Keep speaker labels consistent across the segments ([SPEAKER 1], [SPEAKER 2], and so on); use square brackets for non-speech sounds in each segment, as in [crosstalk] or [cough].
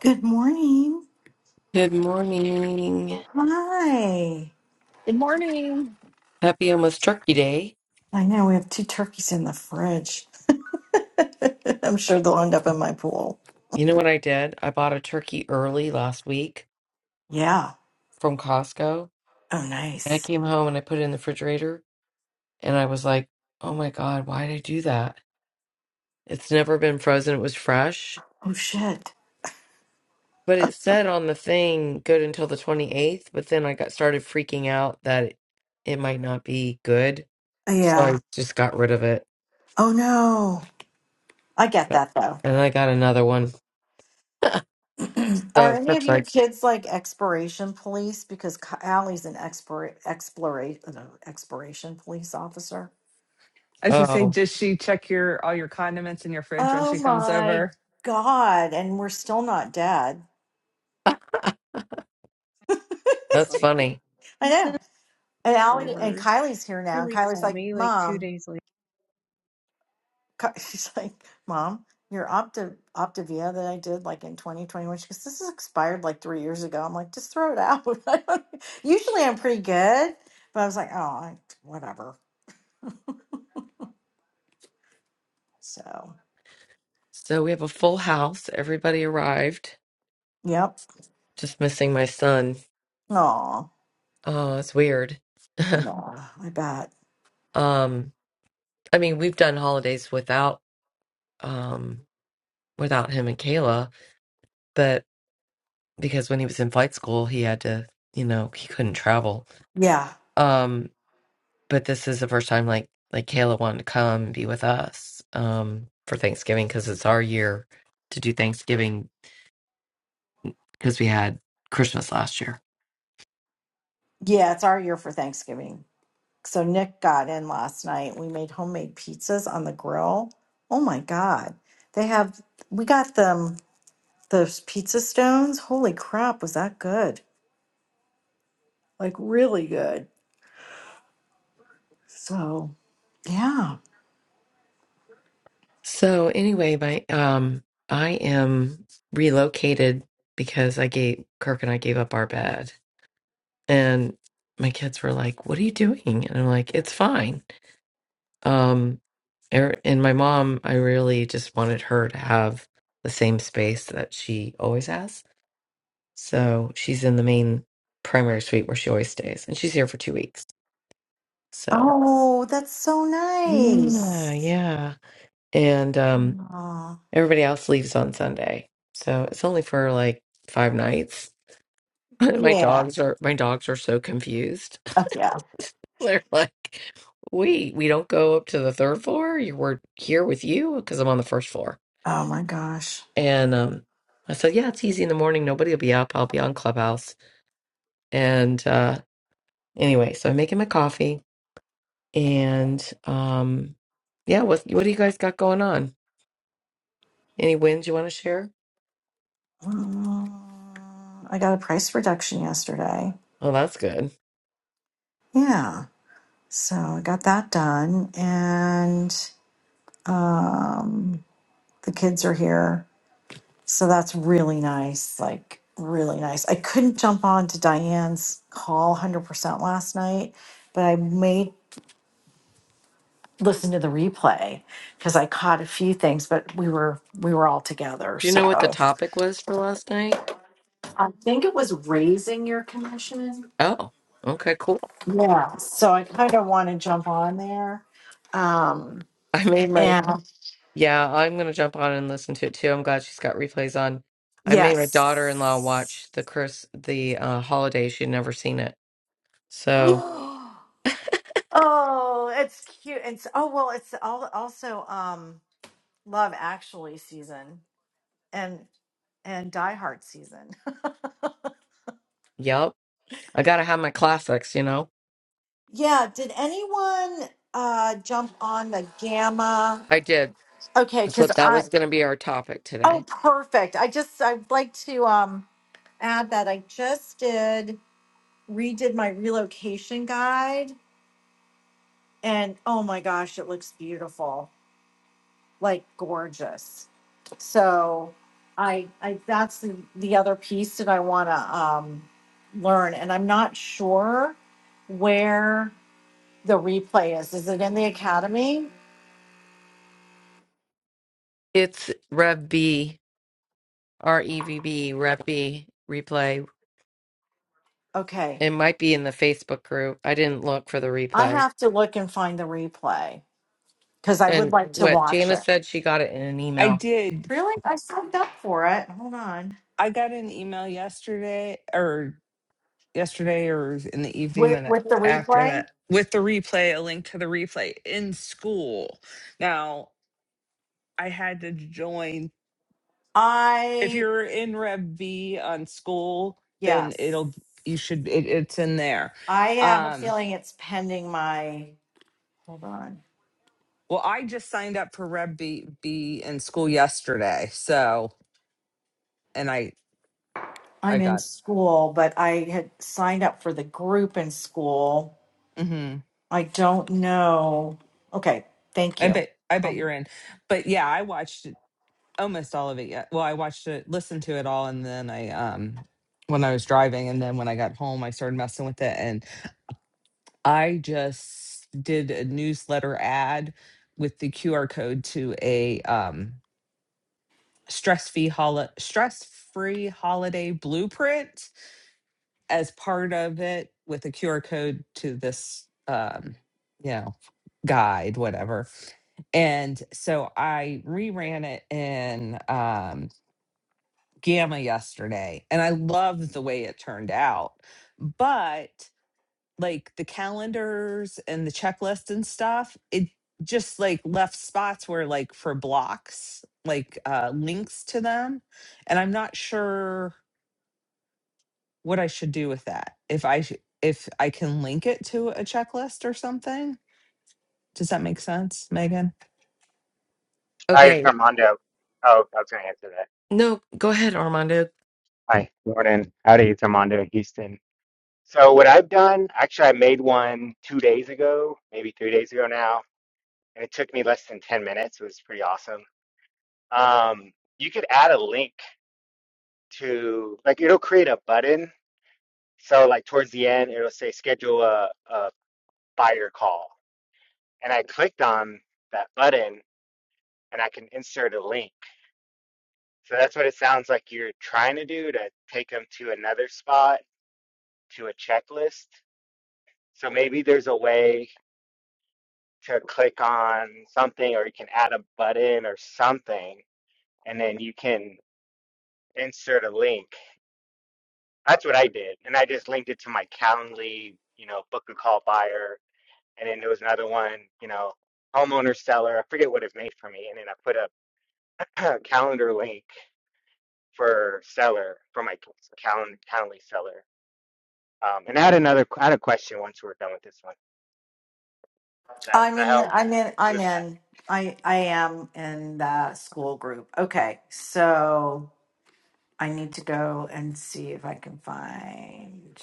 [SPEAKER 1] Good morning.
[SPEAKER 2] Good morning.
[SPEAKER 1] Hi.
[SPEAKER 3] Good morning.
[SPEAKER 2] Happy almost turkey day.
[SPEAKER 1] I know we have two turkeys in the fridge. [laughs] I'm sure they'll end up in my pool.
[SPEAKER 2] You know what I did? I bought a turkey early last week
[SPEAKER 1] Yeah.
[SPEAKER 2] from Costco.
[SPEAKER 1] Oh,
[SPEAKER 2] And I
[SPEAKER 1] nice.
[SPEAKER 2] came home and I put it in the refrigerator. And I was like, oh my God, why did I do that? It's never been frozen. It was fresh.
[SPEAKER 1] Oh, shit.
[SPEAKER 2] But it said on the thing good until the 28th, but then I got started freaking out that it, it might not be good. So
[SPEAKER 1] Yeah.
[SPEAKER 2] I just got rid of it.
[SPEAKER 1] Oh, no. I get that, though.
[SPEAKER 2] And I got another one.
[SPEAKER 1] [clears throat] Are
[SPEAKER 2] So
[SPEAKER 1] any of
[SPEAKER 2] Kirk's
[SPEAKER 1] your
[SPEAKER 2] like,
[SPEAKER 1] kids like exploration police? Because Ka- Allie's an expir- explora- uh, exploration police officer.
[SPEAKER 3] I should say,
[SPEAKER 2] oh,
[SPEAKER 3] does she check your all your condiments in your fridge when she
[SPEAKER 1] Oh,
[SPEAKER 3] comes
[SPEAKER 1] my
[SPEAKER 3] over?
[SPEAKER 1] God. And we're still not dead.
[SPEAKER 4] is
[SPEAKER 2] that's
[SPEAKER 4] like that.
[SPEAKER 2] funny.
[SPEAKER 1] I
[SPEAKER 4] He said
[SPEAKER 1] know. And Allie and
[SPEAKER 4] leftovers.
[SPEAKER 1] Kylie's here now. And
[SPEAKER 4] Really
[SPEAKER 1] Kylie's
[SPEAKER 4] call
[SPEAKER 1] like,
[SPEAKER 4] me like two
[SPEAKER 1] Mom.
[SPEAKER 4] days later.
[SPEAKER 1] co- [laughs] she's like, Mom, your Opta Optavia that I did like in 2021, she goes, This is expired like three years ago. I'm like, Just throw it out. [laughs] I don't- Usually I'm pretty good, but I was like, Oh, I, whatever. So,
[SPEAKER 2] So we have a full house. Everybody arrived.
[SPEAKER 1] yep.
[SPEAKER 2] Just missing my son.
[SPEAKER 1] Oh,
[SPEAKER 2] Oh, it's weird. [laughs]
[SPEAKER 1] yeah, I bet.
[SPEAKER 2] um, I mean, we've done holidays without um without him and Kayla, but because when he was in flight school, he had to, you know, he couldn't travel.
[SPEAKER 1] Yeah.
[SPEAKER 2] Um, but this is the first time like like Kayla wanted to come and be with us um for Thanksgiving because it's our year to do Thanksgiving because we had Christmas last year.
[SPEAKER 1] Yeah, it's our year for Thanksgiving. So Nick got in last night. We made homemade pizzas on the grill. Oh my God. They have, we got them, those pizza stones. Holy crap, was that good? like really good. So yeah.
[SPEAKER 2] So anyway, my um I am relocated because I gave Kirk and I gave up our bed and my kids were like, "What are you doing?" And I'm like, "It's fine." Um er- and my mom, I really just wanted her to have the same space that she always has So she's in the main primary suite where she always stays, and she's here for two weeks. So
[SPEAKER 1] Oh, that's so
[SPEAKER 2] yeah,
[SPEAKER 1] nice.
[SPEAKER 2] yeah. And um,
[SPEAKER 1] Aw,
[SPEAKER 2] everybody else leaves on Sunday, so it's only for like five nights. [laughs] my
[SPEAKER 1] yeah. [laughs]
[SPEAKER 2] dogs are my dogs are so confused.
[SPEAKER 1] Uh, yeah.
[SPEAKER 2] [laughs] They're like, "Wait, we don't go up to the third floor? You were here with you because I'm on the first floor."
[SPEAKER 1] Oh my gosh.
[SPEAKER 2] And um, I said, "Yeah, it's easy in the morning. Nobody will be up. I'll be on Clubhouse." And uh, anyway, so I'm making my coffee And um, yeah, what what do you guys got going on? Any wins you want to share?
[SPEAKER 1] Mm, I got a price reduction yesterday.
[SPEAKER 2] Oh, that's good.
[SPEAKER 1] Yeah. So I got that done. And um, the kids are here. So that's really nice. Like, really nice. I couldn't jump on to Diane's call 100% last night, but I made listen to the replay because I caught a few things, but we were we were all together.
[SPEAKER 2] Do you know what the
[SPEAKER 1] So
[SPEAKER 2] topic was for last night?
[SPEAKER 1] I think it was raising your commission.
[SPEAKER 2] Oh, okay, cool.
[SPEAKER 1] Yeah. So I kind of want to jump on there. Um
[SPEAKER 2] [laughs] I made my
[SPEAKER 1] and
[SPEAKER 2] yeah. I'm gonna jump on and listen to it too. I'm glad she's got replays on. I made my daughter-in-law
[SPEAKER 1] yes.
[SPEAKER 2] watch the Chris the uh, holiday. She'd never seen it. So,
[SPEAKER 1] [gasps] Oh, it's cute. It's oh well, it's all also um Love Actually season and and Die Hard season. [laughs]
[SPEAKER 2] yep. I gotta have my classics, you know.
[SPEAKER 1] Yeah, did anyone uh jump on the Gamma?
[SPEAKER 2] I did.
[SPEAKER 1] Okay,
[SPEAKER 2] That's
[SPEAKER 1] because
[SPEAKER 2] what that
[SPEAKER 1] I,
[SPEAKER 2] was gonna be our topic
[SPEAKER 1] oh,
[SPEAKER 2] today.
[SPEAKER 1] perfect. I just, I'd like to um add that I just did, redid my relocation guide and oh my gosh, it looks beautiful, like gorgeous. So I, I, that's the, the other piece that I want to um learn. And I'm not sure where the replay is. Is it in the academy?
[SPEAKER 2] It's Rev B REVB Reppy replay.
[SPEAKER 1] Okay.
[SPEAKER 2] It might be in the Facebook group. I didn't look for the
[SPEAKER 1] I
[SPEAKER 2] replay.
[SPEAKER 1] have to look and find the replay because I would
[SPEAKER 2] And
[SPEAKER 1] like to
[SPEAKER 2] what
[SPEAKER 1] watch it.
[SPEAKER 2] Janice said, she got it in an
[SPEAKER 3] I
[SPEAKER 2] email.
[SPEAKER 3] did.
[SPEAKER 1] Really? I signed up for it. Hold on.
[SPEAKER 3] I got an email yesterday or yesterday or in the evening
[SPEAKER 1] With
[SPEAKER 3] and
[SPEAKER 1] with the
[SPEAKER 3] after
[SPEAKER 1] replay?
[SPEAKER 3] that with the replay, a link to the replay in school. Now I had to join if
[SPEAKER 1] I
[SPEAKER 3] you're in Rev B on school, then
[SPEAKER 1] yes.
[SPEAKER 3] it'll you should it, it's in there.
[SPEAKER 1] I have a
[SPEAKER 3] Um
[SPEAKER 1] feeling it's pending my hold on.
[SPEAKER 3] well I just signed up for Rev B, B in school yesterday. So and I I
[SPEAKER 1] I'm in
[SPEAKER 3] got.
[SPEAKER 1] school, but I had signed up for the group in school.
[SPEAKER 3] hmm
[SPEAKER 1] I don't know. Okay, thank
[SPEAKER 3] I
[SPEAKER 1] you.
[SPEAKER 3] bet. I bet
[SPEAKER 1] Um,
[SPEAKER 3] you're in. But yeah, I watched it- almost all of it. Yeah. Well, I watched it, listened to it all, and then I um when I was driving, and then when I got home, I started messing with it, and I just did a newsletter ad with the QR code to a um stress free hol- stress free holiday blueprint as part of it with a QR code to this um you know guide whatever And so I reran it in um, Gamma yesterday, and I loved the way it turned out. But like the calendars and the checklist and stuff, it just like left spots where like for blocks, like uh, links to them, and I'm not sure what I should do with that. If I sh- if I can link it to a checklist or something, does that make sense, Megan?
[SPEAKER 5] Hi, it's
[SPEAKER 2] Okay.
[SPEAKER 5] Armando. Oh, I was going to answer that.
[SPEAKER 2] No, go ahead, Armando.
[SPEAKER 5] Hi, morning. Howdy, it's Armando in Houston. So, what I've done, actually, I made one two days ago, maybe three days ago now, and it took me less than 10 minutes. It was pretty awesome. Um, you could add a link to, like, it'll create a button. So, like, towards the end, it'll say schedule a, a buyer call. And I clicked on that button and I can insert a link. So, that's what it sounds like you're trying to do to take them to another spot to a checklist. So maybe there's a way to click on something or you can add a button or something and then you can insert a link. That's what I did. And I just linked it to my Calendly, you know, book a call buyer. And then there was another one, you know, homeowner seller. I forget what it made for me. And then I put a [clears throat] calendar link for seller for my calendar Calendly seller. Um, and I had another I had a question once we were done with this one. Does that, does
[SPEAKER 1] I'm
[SPEAKER 5] that
[SPEAKER 1] in
[SPEAKER 5] help?
[SPEAKER 1] the I'm in I'm
[SPEAKER 5] Who's that?
[SPEAKER 1] in I I am in the school group. Okay. So I need to go and see if I can find.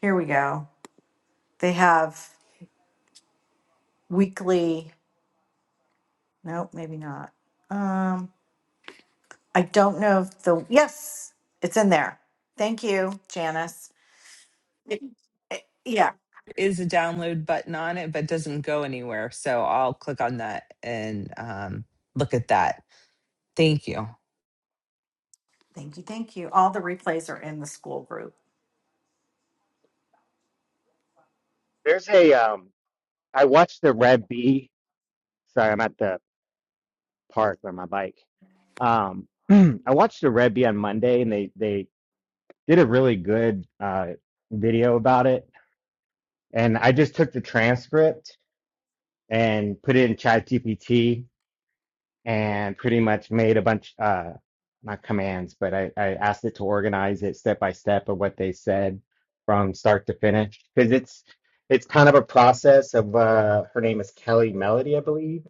[SPEAKER 1] Here we go. They have weekly. Nope, maybe not. Um, I don't know if the yes, it's in there. Thank you, Janice. It- it- yeah,
[SPEAKER 3] is a download button on it, but doesn't go anywhere. So I'll click on that and um, look at that. Thank you.
[SPEAKER 1] thank you, thank you. All the replays are in the school group.
[SPEAKER 5] There's a um I watched the Red Bee. Sorry, I'm at the park on my bike. Um, [clears throat] I watched the Red Bee on Monday, and they they did a really good uh, video about it. And I just took the transcript and put it in ChatGPT and pretty much made a bunch uh, not commands, but I, I asked it to organize it step by step of what they said from start to finish because it's it's kind of a process of uh, her name is Kelly Melody, I believe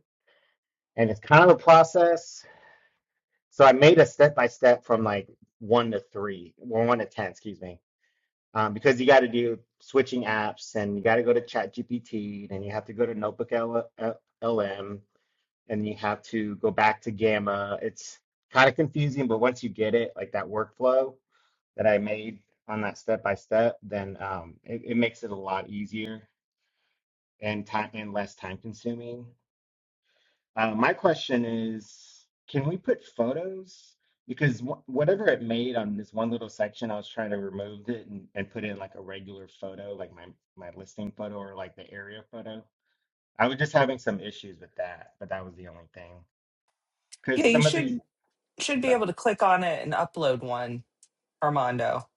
[SPEAKER 5] and it's kind of a process. So I made a step by step from like one to three, or one to ten, excuse me, um, because you got to do switching apps, and you got to go to ChatGPT, and you have to go to Notebook LM, and you have to go back to Gamma. It's kind of confusing, but once you get it, like that workflow that I made on that step by step, then um, it, it makes it a lot easier and time and less time consuming. Uh, my question is, can we put photos? Because wh- whatever it made on this one little section, I was trying to remove it and, and put in like a regular photo, like my my listing photo or like the area photo. I was just having some issues with that, but that was the only thing.
[SPEAKER 3] Yeah,
[SPEAKER 5] Because
[SPEAKER 3] you
[SPEAKER 5] some of the,
[SPEAKER 3] should should be
[SPEAKER 5] sorry,
[SPEAKER 3] able to click on it and upload one, Armando.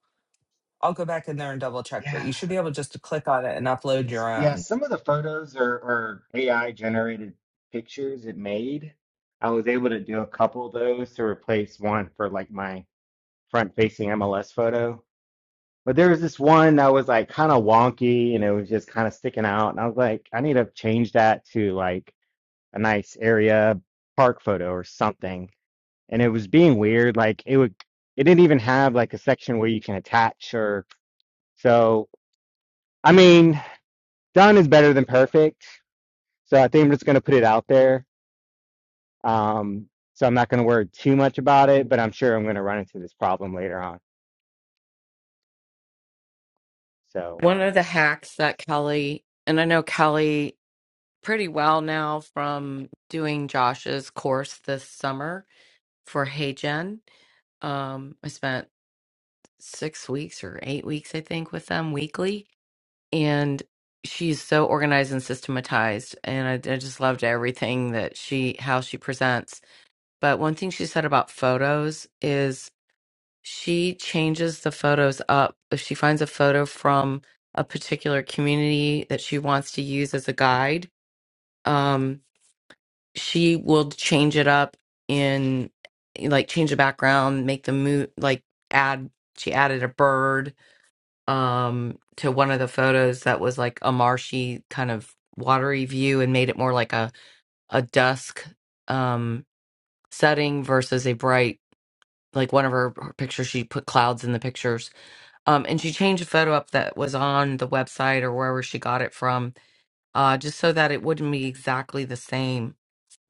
[SPEAKER 3] I'll go back in there and double check, but
[SPEAKER 5] yeah,
[SPEAKER 3] you should be able just to click on it and upload
[SPEAKER 5] s-
[SPEAKER 3] your
[SPEAKER 5] yeah,
[SPEAKER 3] own.
[SPEAKER 5] some of the photos are, are AI generated pictures it made. I was able to do a couple of those to replace one for like my front facing MLS photo But there was this one that was like kind of wonky and it was just kind of sticking out. And I was like, I need to change that to like a nice area park photo or something. And it was being weird. Like it would, it didn't even have like a section where you can attach or so. I mean, done is better than perfect. So I think I'm just going to put it out there. Um, so I'm not going to worry too much about it, but I'm sure I'm going to run into this problem later on. So,
[SPEAKER 2] One of the hacks that Kelly, and I know Kelly pretty well now from doing Josh's course this summer for Hey Gen. Um, I spent six weeks or eight weeks, I think, with them weekly, and she's so organized and systematized, and I, I just loved everything that she how she presents. But one thing she said about photos is she changes the photos up if she finds a photo from a particular community that she wants to use as a guide. um, she will change it up in eh, like change the background, make the move like add she added a bird um to one of the photos that was like a marshy kind of watery view and made it more like a a dusk um setting versus a bright like one of her, her pictures she put clouds in the pictures um and she changed a photo up that was on the website or wherever she got it from uh just so that it wouldn't be exactly the same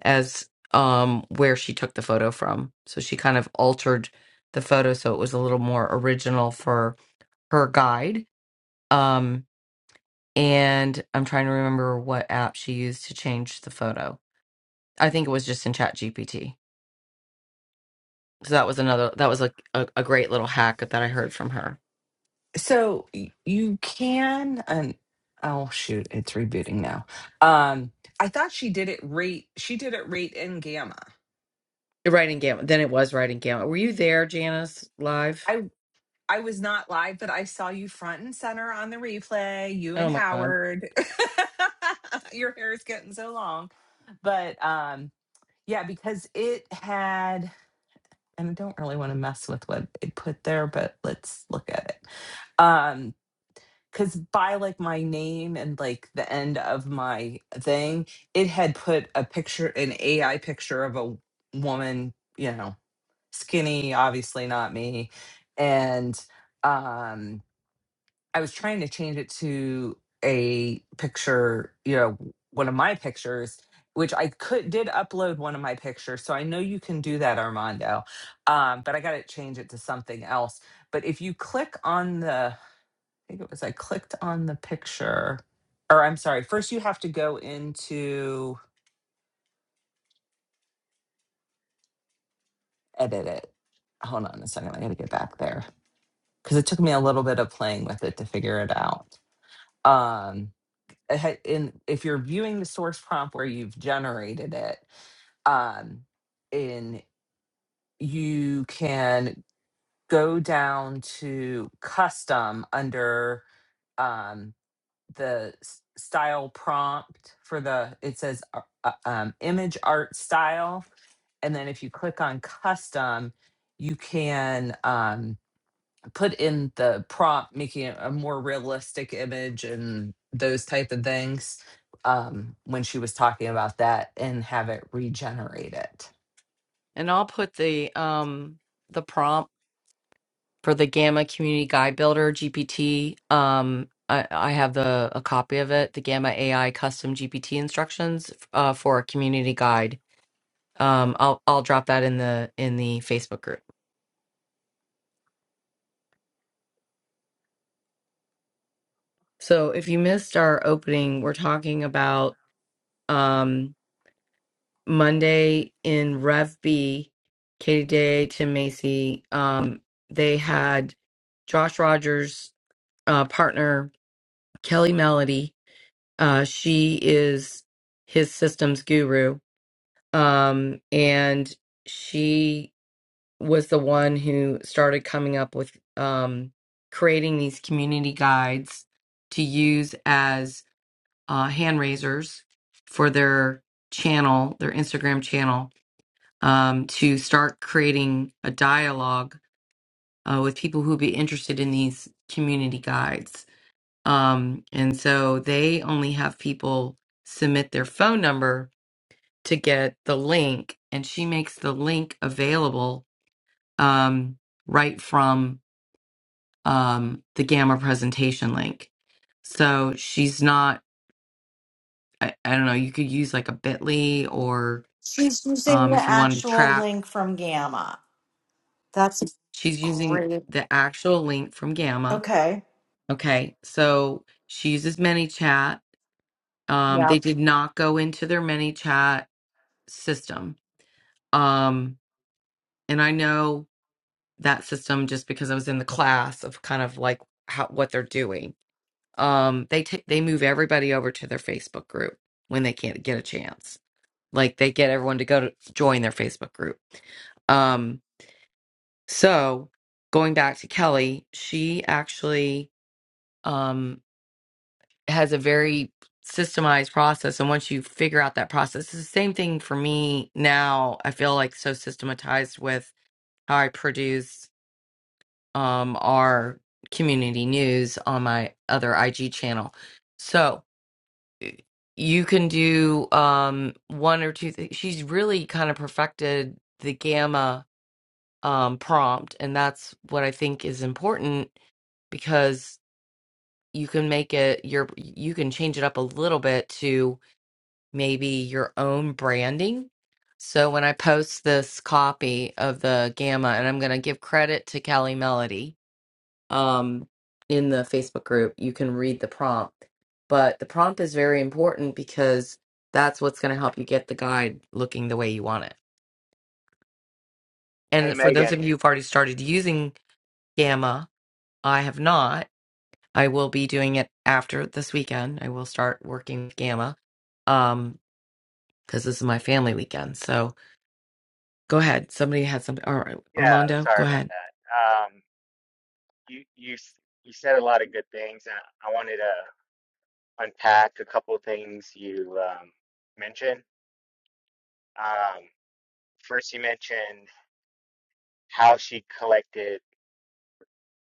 [SPEAKER 2] as um where she took the photo from. So she kind of altered the photo so it was a little more original for her guide. Um and I'm trying to remember what app she used to change the photo. I think it was just in Chat GPT. So that was another that was like a, a great little hack that I heard from her.
[SPEAKER 3] So y- you can and oh shoot, it's rebooting now. Um, I thought she did it rate. She did it rate in gamma.
[SPEAKER 2] Writing Gamut. Then it was writing Gamut. Were you there, Janice, live?
[SPEAKER 3] I. I was not live, but I saw you front and center on the replay, you and
[SPEAKER 2] Oh my god.
[SPEAKER 3] Howard. [laughs] Your hair is getting so long. But um yeah, because it had and I don't really want to mess with what it put there, but let's look at it um because by like my name and like the end of my thing it had put a picture an ai picture of a woman you know skinny obviously not me and um, I was trying to change it to a picture, you know, one of my pictures, which I could did upload one of my pictures. So I know you can do that, Armando. Um, but I got to change it to something else. But if you click on the, I think it was I clicked on the picture, or I'm sorry, first you have to go into edit it. Hold on a second. I got to get back there because it took me a little bit of playing with it to figure it out. Um, uh, ha- in if you're viewing the source prompt where you've generated it, um, and you can go down to custom under um, the s- style prompt for the it says uh, uh, um, image art style, and then if you click on custom, you can. Um, put in the prop, making it a more realistic image and those type of things um, when she was talking about that and have it regenerate it.
[SPEAKER 2] And I'll put the um the prompt for the Gamma Community Guide Builder GPT. Um, I, I have the a copy of it, the Gamma AI Custom GPT instructions uh, for a community guide. Um, I'll I'll drop that in the in the Facebook group. So if you missed our opening, we're talking about um, Monday in Rev B, Katie Day, Tim Macy. Um, they had Josh Rogers' uh, partner Kelly Melody Uh, she is his systems guru. Um, and she was the one who started coming up with um, creating these community guides to use as uh, hand raisers for their channel, their Instagram channel, um, to start creating a dialogue uh, with people who would be interested in these community guides. Um, and so they only have people submit their phone number to get the link, and she makes the link available um, right from um, the Gamma presentation link. So she's not, I, I don't know, you could use like a bit.ly or
[SPEAKER 1] She's using
[SPEAKER 2] um,
[SPEAKER 1] the
[SPEAKER 2] if you wanted to
[SPEAKER 1] actual
[SPEAKER 2] track,
[SPEAKER 1] link from Gamma. That's
[SPEAKER 2] she's using
[SPEAKER 1] great.
[SPEAKER 2] the actual link from Gamma.
[SPEAKER 1] Okay.
[SPEAKER 2] Okay, so she uses ManyChat. Um,
[SPEAKER 1] Yeah.
[SPEAKER 2] they did not go into their ManyChat system Um, and I know that system just because I was in the class of kind of like how what they're doing. Um, they take they move everybody over to their Facebook group when they can't get a chance. Like they get everyone to go to join their Facebook group. Um, so going back to Kelly, she actually um has a very systemized process. And once you figure out that process, it's the same thing for me now. I feel like so systematized with how I produce um, our community news on my other IG channel. So you can do um, one or two. Th- She's really kind of perfected the gamma um, prompt, and that's what I think is important because you can make it your you can change it up a little bit to maybe your own branding. So when I post this copy of the gamma, and I'm going to give credit to Kelly Melody um, in the Facebook group, you can read the prompt. But the prompt is very important because that's what's going to help you get the guide looking the way you want it.
[SPEAKER 5] hey,
[SPEAKER 2] And for those of
[SPEAKER 5] Megan.
[SPEAKER 2] you who've already started using Gamma, I have not. I will be doing it after this weekend. I will start working with Gamma um, because this is my family weekend. So go ahead. Somebody had something. Or
[SPEAKER 5] Yeah,
[SPEAKER 2] Armando,
[SPEAKER 5] sorry
[SPEAKER 2] go
[SPEAKER 5] about
[SPEAKER 2] ahead.
[SPEAKER 5] that. Um, you you s- you said a lot of good things, and I wanted to unpack a couple of things you um, mentioned. Um, first, you mentioned how she collected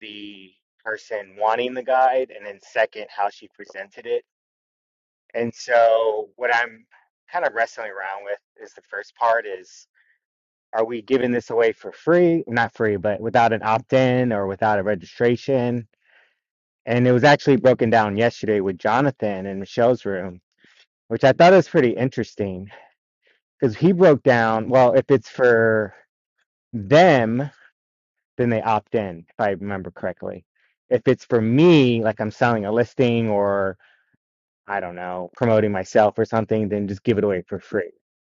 [SPEAKER 5] the person wanting the guide, and then second, how she presented it. And so, what I'm kind of wrestling around with is the first part is. Are we giving this away for free? Not free, but without an opt-in or without a registration? And it was actually broken down yesterday with Jonathan in Michelle's room which I thought was pretty interesting because he broke down, well, if it's for them, then they opt in, if I remember correctly. If it's for me, like I'm selling a listing or I don't know, promoting myself or something, then just give it away for free,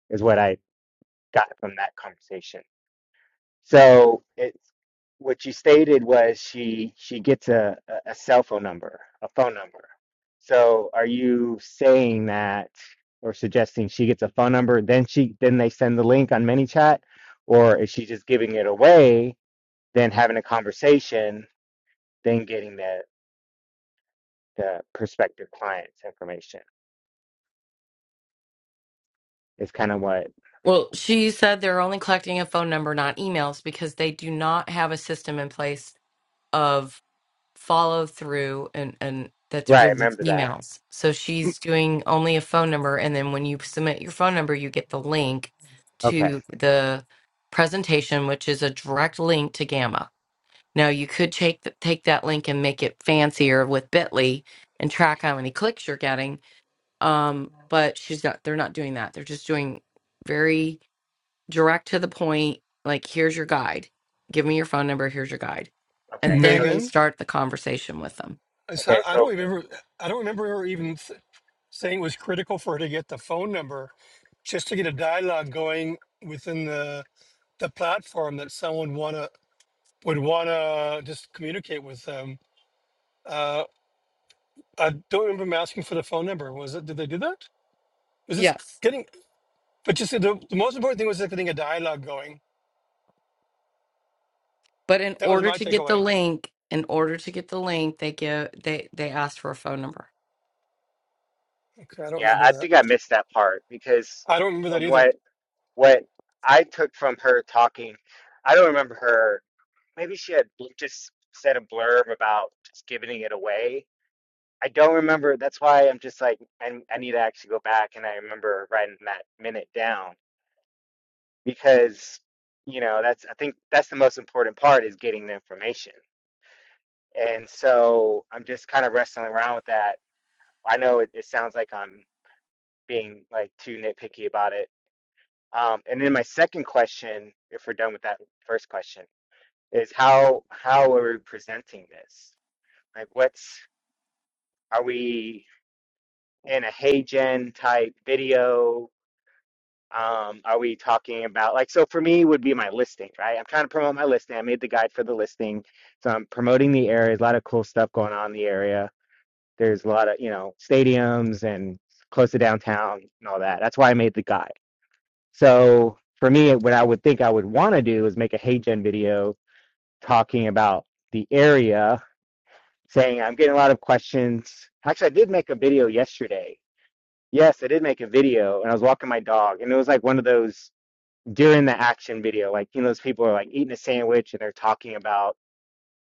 [SPEAKER 5] is what I got from that conversation. So it's what you stated was she she gets a, a a cell phone number, a phone number. So are you saying that or suggesting she gets a phone number, then she then they send the link on ManyChat, or is she just giving it away, then having a conversation, then getting the the prospective client's information? Is kind of what,
[SPEAKER 2] Well, she said they're only collecting a phone number, not emails, because they do not have a system in place of. follow through and and that they're
[SPEAKER 5] right, I
[SPEAKER 2] doing these
[SPEAKER 5] remember that.
[SPEAKER 2] emails. So she's doing only a phone number, and then when you submit your phone number, you get the link
[SPEAKER 5] Okay,
[SPEAKER 2] to the presentation, which is a direct link to Gamma. Now you could take th- take that link and make it fancier with Bitly and track how many clicks you're getting. Um, but she's not. They're not doing that. They're just doing very direct to the point. Like here's your guide. Give me your phone number. Here's your guide,
[SPEAKER 5] okay.
[SPEAKER 2] and
[SPEAKER 5] So,
[SPEAKER 2] then they
[SPEAKER 6] Megan,
[SPEAKER 2] start the conversation with them.
[SPEAKER 6] I
[SPEAKER 5] okay,
[SPEAKER 6] saw, I don't
[SPEAKER 5] so
[SPEAKER 6] remember. I don't remember her even th- saying it was critical for her to get the phone number, just to get a dialogue going within the the platform that someone wanna would wanna just communicate with them. Uh, I don't remember them asking for the phone number. Was it? Did they do that? Was this
[SPEAKER 2] Yes.
[SPEAKER 6] getting? But just the, the most important thing was just getting a dialogue going.
[SPEAKER 2] But in
[SPEAKER 6] That was
[SPEAKER 2] order
[SPEAKER 6] my
[SPEAKER 2] to get the
[SPEAKER 6] takeaway.
[SPEAKER 2] link, in order to get the link, they give they they ask for a phone number.
[SPEAKER 6] Okay, I don't
[SPEAKER 5] yeah,
[SPEAKER 6] remember
[SPEAKER 5] I
[SPEAKER 6] that.
[SPEAKER 5] think I missed that part because
[SPEAKER 6] I don't remember that
[SPEAKER 5] from what
[SPEAKER 6] either.
[SPEAKER 5] what I took from her talking, I don't remember her. Maybe she had bl- just said a blurb about just giving it away. I don't remember. That's why I'm just like, I, I need to actually go back and I remember writing that minute down because, you know, that's, I think that's the most important part is getting the information. And so I'm just kind of wrestling around with that. I know it, it sounds like I'm being like too nitpicky about it. Um, and then my second question, if we're done with that first question, is how how are we presenting this? Like, what's are we in a hey gen type video? Um, are we talking about like so for me would be my listing, right? I'm trying to promote my listing. I made the guide for the listing, so I'm promoting the area. There's a lot of cool stuff going on in the area. There's a lot of you know stadiums and close to downtown and all that. That's why I made the guide. So for me, what I would think I would want to do is make a hey gen video talking about the area saying I'm getting a lot of questions. Actually, I did make a video yesterday. Yes, I did make a video, and I was walking my dog, and it was like one of those during the action video, like you know, those people are like eating a sandwich and they're talking about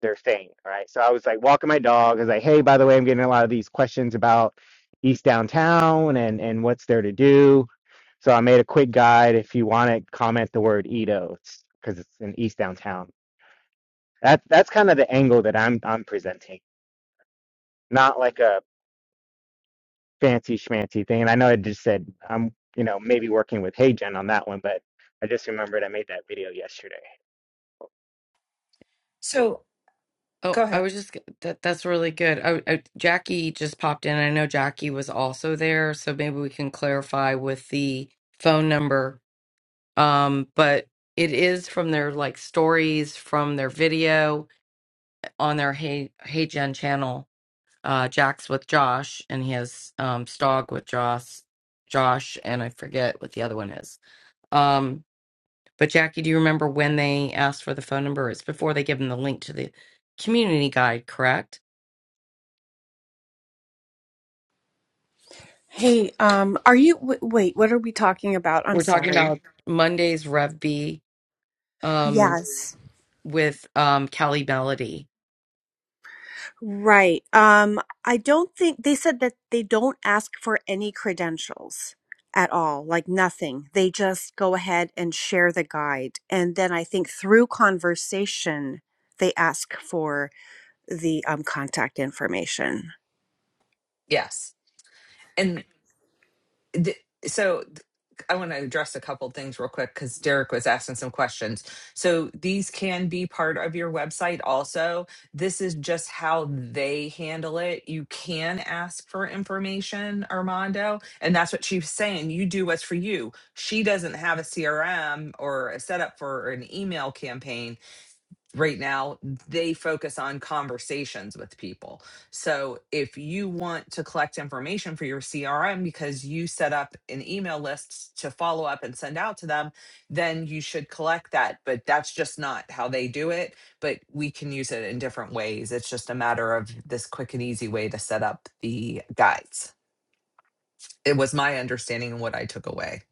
[SPEAKER 5] their thing, right? So I was like walking my dog. I was like, hey, by the way, I'm getting a lot of these questions about East Downtown and and what's there to do. So I made a quick guide. If you want it, comment the word Edo because it's in East Downtown. That that's kind of the angle that I'm I'm presenting, not like a fancy schmancy thing. And I know I just said I'm, you know, maybe working with HeyGen on that one, but I just remembered I made that video yesterday.
[SPEAKER 3] So
[SPEAKER 2] Oh,
[SPEAKER 3] go
[SPEAKER 2] I
[SPEAKER 3] ahead.
[SPEAKER 2] was just that that's really good. I, I, Jackie just popped in. I know Jackie was also there, so maybe we can clarify with the phone number. Um, but it is from their like stories from their video on their Hey Hey Gen channel. Uh, Jack's with Josh, and he has um Stog with Josh, Josh, and I forget what the other one is. Um, But Jackie, do you remember when they asked for the phone number? It's before they give them the link to the community guide, correct?
[SPEAKER 7] Hey, um, are you w wait, what are we talking about? I'm
[SPEAKER 2] We're talking about
[SPEAKER 7] sorry.
[SPEAKER 2] Monday's Rev B um,
[SPEAKER 7] Yes.
[SPEAKER 2] with um, Callie Melody.
[SPEAKER 7] Right. Um, I don't think they said that they don't ask for any credentials at all, like nothing. They just go ahead and share the guide. And then I think through conversation, they ask for the um, contact information.
[SPEAKER 3] Yes. and. th- so th- I want to address a couple things real quick because Derek was asking some questions. So these can be part of your website also. This is just how they handle it. You can ask for information, Armando. And that's what she's saying. You do what's for you. She doesn't have a CRM or a setup for an email campaign right now they focus on conversations with people. So if you want to collect information for your CRM because you set up an email list to follow up and send out to them, then you should collect that, but that's just not how they do it, but we can use it in different ways. It's just a matter of this quick and easy way to set up the guides. It was my understanding and what I took away.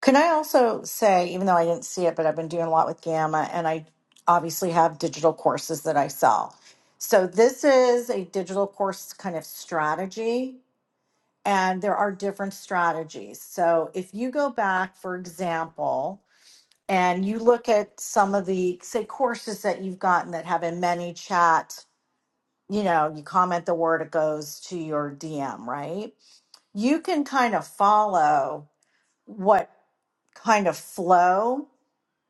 [SPEAKER 1] Can I also say, even though I didn't see it, but I've been doing a lot with Gamma and I obviously have digital courses that I sell. So this is a digital course kind of strategy, and there are different strategies. So if you go back, for example, and you look at some of the, say, courses that you've gotten that have a many chat, you know, you comment the word, it goes to your DM, right? You can kind of follow what kind of flow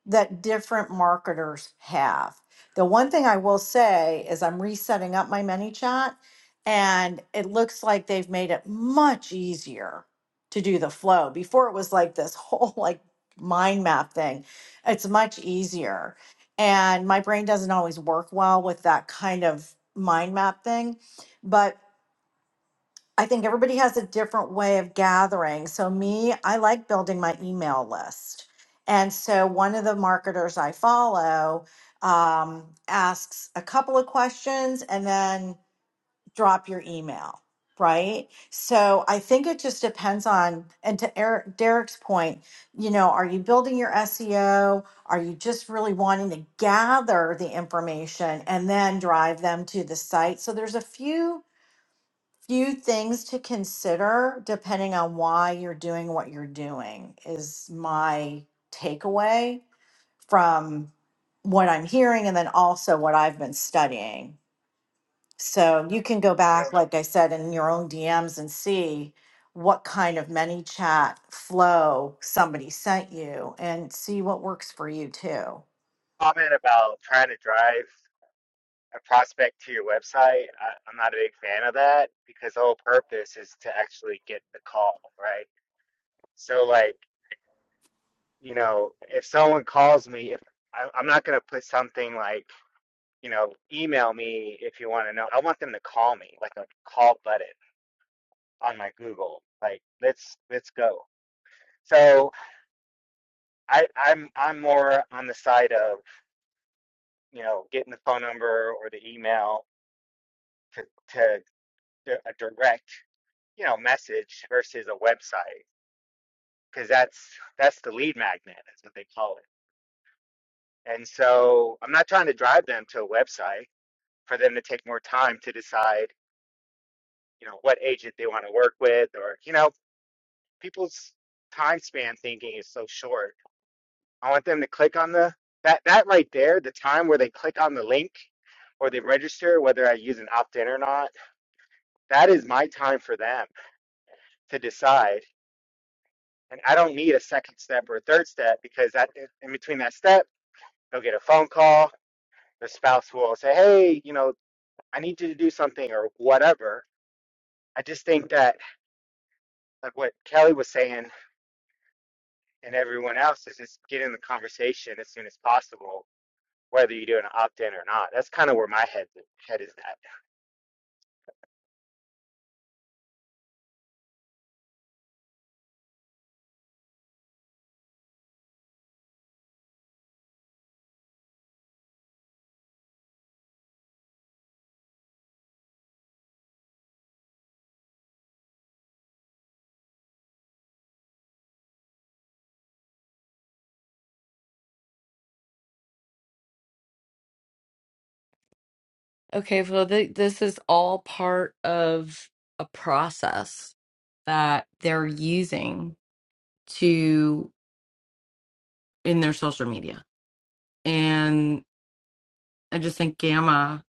[SPEAKER 1] that different marketers have. The one thing I will say is I'm resetting up my ManyChat and it looks like they've made it much easier to do the flow. Before it was like this [laughs] whole like mind map thing. It's much easier. And my brain doesn't always work well with that kind of mind map thing, but I think everybody has a different way of gathering. So, me, I like building my email list. And so, one of the marketers I follow um, asks a couple of questions and then drop your email, right? So, I think it just depends on, and to Eric, Derek's point, you know, are you building your SEO? Are you just really wanting to gather the information and then drive them to the site? So, there's a few few things to consider depending on why you're doing what you're doing is my takeaway from what I'm hearing and then also what I've been studying. So you can go
[SPEAKER 5] So
[SPEAKER 1] back, like I said, in your own DMs and see what kind of many chat flow somebody sent you and see what works for you too.
[SPEAKER 5] comment about trying to drive a prospect to your website. I, I'm not a big fan of that because the whole purpose is to actually get the call, right? So like, you know, if someone calls me, if I, I'm not gonna put something like you know, email me if you want to know. I want them to call me, like a call button on my Google. Like, let's let's go. So I, I'm I'm more on the side of you know getting the phone number or the email to to, to a direct you know message versus a website because that's that's the lead magnet. That's what they call it. And so I'm not trying to drive them to a website for them to take more time to decide you know what agent they want to work with or you know people's time span thinking is so short. I want them to click on the that that right there, the time where they click on the link or they register, whether I use an opt in or not, that is my time for them to decide. And I don't need a second step or a third step because that in between that step, they'll get a phone call. The spouse will say, "Hey, you know, I need you to do something or whatever." I just think that like what Kelly was saying and everyone else is just get in the conversation as soon as possible whether you do an opt in or not. That's kind of where my head head is at.
[SPEAKER 2] Okay, well, th this is all part of a process that they're using to in their social media, and I just think Gamma.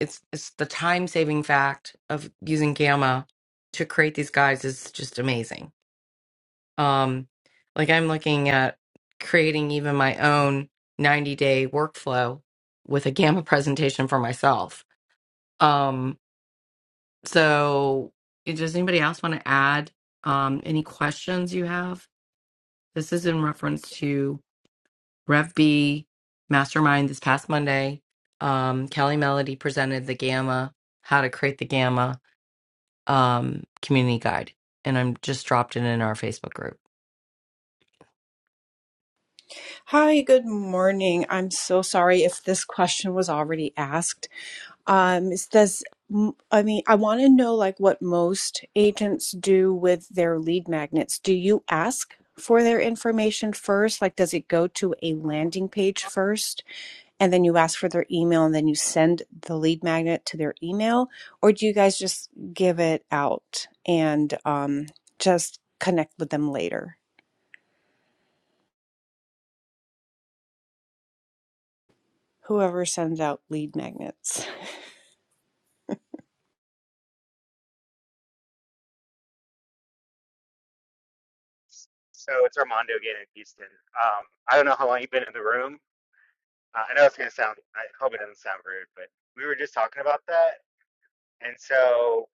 [SPEAKER 2] It's it's the time saving fact of using Gamma to create these guides is just amazing Um, like I'm looking at creating even my own 90 day workflow with a gamma presentation for myself. Um, so does anybody else want to add um, any questions you have? This is in reference to Rev B Mastermind this past Monday. Um, Kelly Melody presented the gamma, how to create the gamma um, community guide, and I'm just dropped it in our Facebook group.
[SPEAKER 7] Hi, good morning. I'm so sorry if this question was already asked. Um, is this, m- I mean, I want to know like what most agents do with their lead magnets. Do you ask for their information first? Like, does it go to a landing page first and then you ask for their email and then you send the lead magnet to their email? Or do you guys just give it out and um, just connect with them later? Whoever sends out lead magnets.
[SPEAKER 5] So it's Armando again in Houston. Um, I don't know how long you've been in the room. Uh, I know it's gonna sound. I hope it doesn't sound rude, but we were just talking about that, and so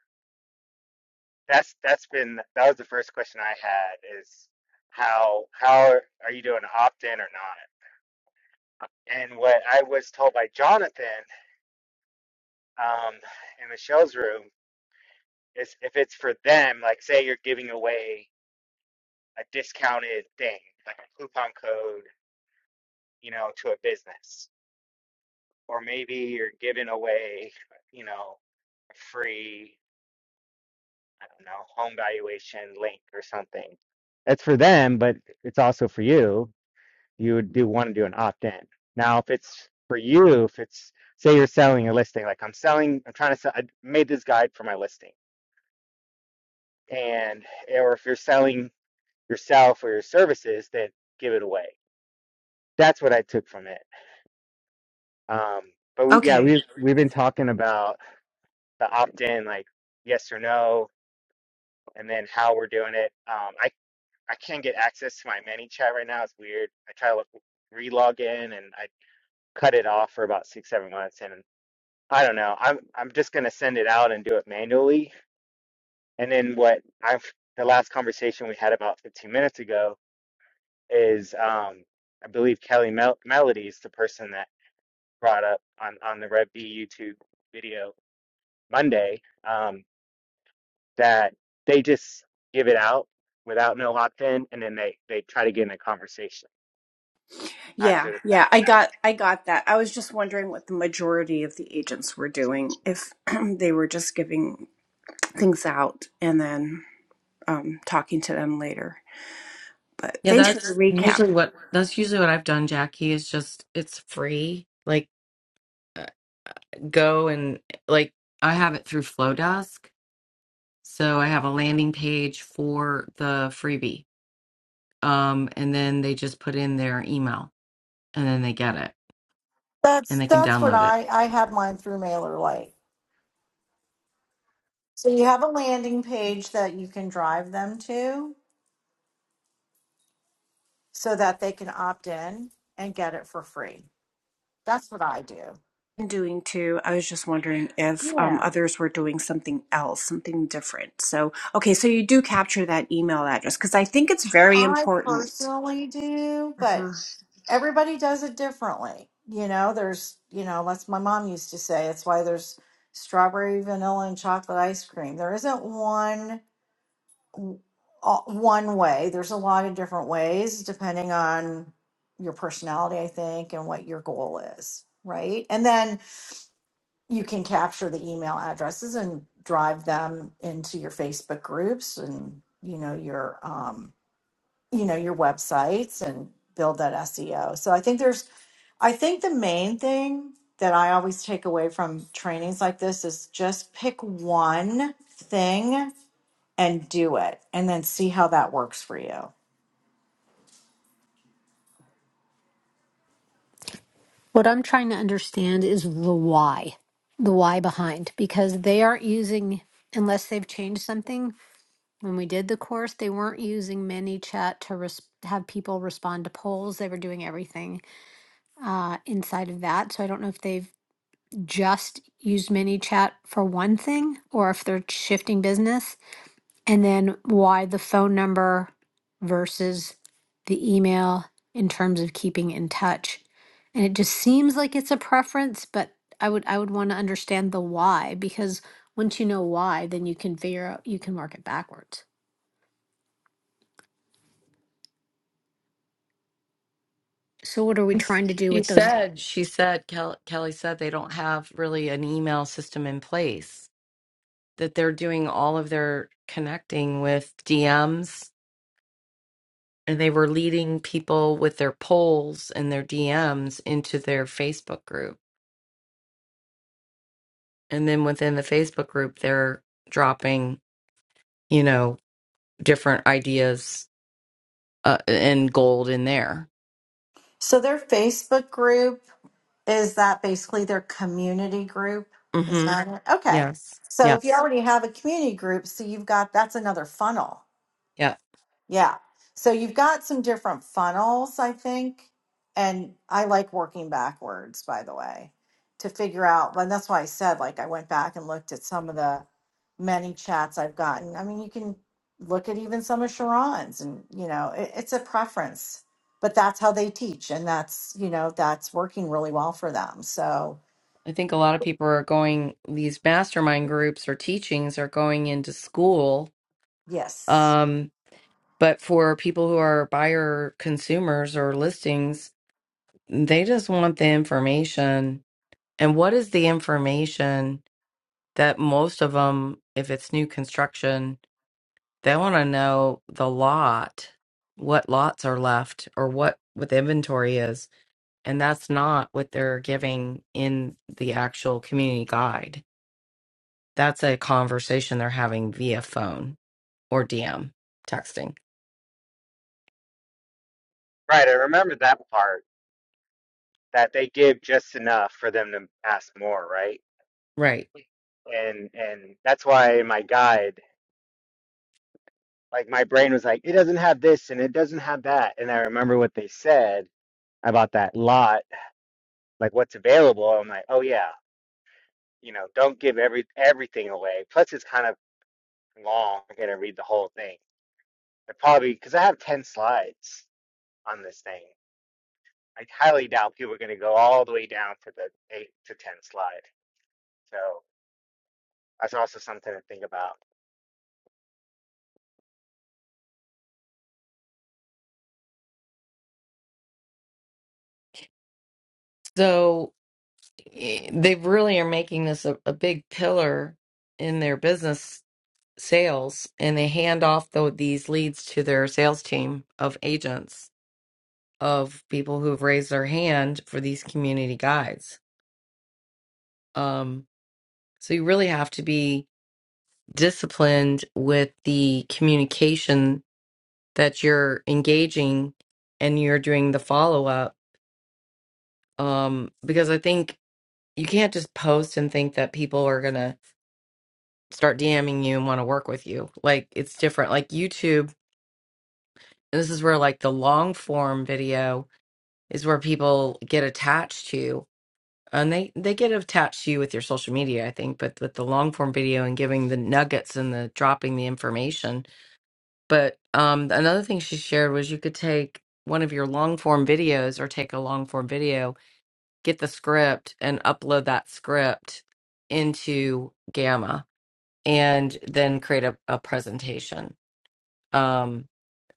[SPEAKER 5] that's that's been that was the first question I had is how how are you doing opt in or not? And what I was told by Jonathan um, in Michelle's room is if it's for them, like say you're giving away a discounted thing, like a coupon code you know, to a business. Or maybe you're giving away, you know, a free, I don't know, home valuation link or something. That's for them, but it's also for you. You would do want to do an opt in. Now, if it's for you, if it's, say you're selling a listing, like I'm selling, I'm trying to sell, I made this guide for my listing. And, or if you're selling yourself or your services, then give it away. That's what I took from it. Um, but yeah,
[SPEAKER 7] Okay.
[SPEAKER 5] we've, we've been talking about the opt in, like yes or no, and then how we're doing it. Um, I I can't get access to my many chat right now. It's weird. I try to look, re-log in, and I cut it off for about six seven months, and I don't know. I'm I'm just gonna send it out and do it manually. And then what I've the last conversation we had about 15 minutes ago is um, I believe Kelly Mel- Melody is the person that brought up on on the Red B YouTube video Monday. Um, that they just give it out without no opt in and then they, they try to get in a conversation
[SPEAKER 7] Yeah,
[SPEAKER 5] after the fact.
[SPEAKER 7] yeah, I got I got that. I was just wondering what the majority of the agents were doing, if [clears throat] they were just giving things out and then um, talking to them later. But
[SPEAKER 2] Yeah,
[SPEAKER 7] thanks for the
[SPEAKER 2] that's
[SPEAKER 7] recap.
[SPEAKER 2] usually what that's usually what I've done, Jackie, is just it's free. Like uh, go and like I have it through Flowdesk. So I have a landing page for the freebie. Um, and then they just put in their email and then they get it and
[SPEAKER 1] That's
[SPEAKER 2] they can
[SPEAKER 1] that's what
[SPEAKER 2] download it.
[SPEAKER 1] I I had mine through MailerLite. So you have a landing page that you can drive them to so that they can opt in and get it for free. That's what I do.
[SPEAKER 7] I'm doing too. I was just wondering if um,
[SPEAKER 1] Yeah.
[SPEAKER 7] others were doing something else, something different. So, okay, so you do capture that email address because I think it's very
[SPEAKER 1] I
[SPEAKER 7] important.
[SPEAKER 1] personally do, but everybody does it differently. You know, there's, you know, that's my mom used to say. It's why there's strawberry, vanilla, and chocolate ice cream. There isn't one uh, one way. There's a lot of different ways depending on your personality, I think, and what your goal is, right? And then you can capture the email addresses and drive them into your Facebook groups and you know your um, you know your websites and build that SEO. So I think there's I think the main thing that I always take away from trainings like this is just pick one thing and do it and then see how that works for you.
[SPEAKER 8] What I'm trying to understand is the why, the why behind, because they aren't using, unless they've changed something. When we did the course, they weren't using ManyChat to res- have people respond to polls. They were doing everything uh, inside of that. So I don't know if they've just used ManyChat for one thing or if they're shifting business. And then why the phone number versus the email in terms of keeping in touch. And it just seems like it's a preference, but I would I would want to understand the why because once you know why, then you can figure out you can work it backwards. So what are we
[SPEAKER 2] And
[SPEAKER 8] trying to do
[SPEAKER 2] She
[SPEAKER 8] with those
[SPEAKER 2] said, she said, Kel- Kelly said they don't have really an email system in place, that they're doing all of their connecting with DMs and they were leading people with their polls and their DMs into their Facebook group. And then within the Facebook group, they're dropping, you know, different ideas uh, and gold in there.
[SPEAKER 1] So their Facebook group Is that basically their community group? Is
[SPEAKER 2] hmm
[SPEAKER 1] that it? Okay.
[SPEAKER 2] Yes.
[SPEAKER 1] So if you
[SPEAKER 2] Yes.
[SPEAKER 1] already have a community group, so you've got that's another funnel.
[SPEAKER 2] Yeah.
[SPEAKER 1] Yeah. So you've got some different funnels, I think. And I like working backwards, by the way, to figure out. And that's why I said, like, I went back and looked at some of the many chats I've gotten. I mean, you can look at even some of Sharon's, and, you know, it, it's a preference, but that's how they teach. And that's, you know, that's working really well for them. So,
[SPEAKER 2] I think a lot of people are going, these mastermind groups or teachings are going into school.
[SPEAKER 1] yes,
[SPEAKER 2] Um, but for people who are buyer consumers or listings, they just want the information. And what is the information that most of them, if it's new construction, They want to know the lot, what lots are left or what with inventory is. And that's not what they're giving in the actual community guide. That's a conversation they're having via phone or DM texting.
[SPEAKER 5] Right, I remember that part that they give just enough for them to ask more, right?
[SPEAKER 2] Right.
[SPEAKER 5] And and that's why my guide like my brain was like, it doesn't have this and it doesn't have that and I remember what they said about that lot, like what's available. I'm like, oh yeah, you know, don't give every everything away. Plus it's kind of long. I gotta read the whole thing. I probably because I have ten slides. on this thing. I highly doubt people are going to go all the way down to the eight to ten slide. So that's also something to think about.
[SPEAKER 2] So eh, they really are making this a, a big pillar in their business sales and they hand off tho- these leads to their sales team of agents of people who've raised their hand for these community guides. Um, so you really have to be disciplined with the communication that you're engaging and you're doing the follow up. Um, because I think you can't just post and think that people are going to start DMing you and want to work with you. Like it's different. Like YouTube, and this is where like the long form video is where people get attached to and they they get attached to you with your social media i think but with the long form video and giving the nuggets and the dropping the information but um another thing she shared was you could take one of your long form videos or take a long form video get the script and upload that script into gamma and then create a, a presentation um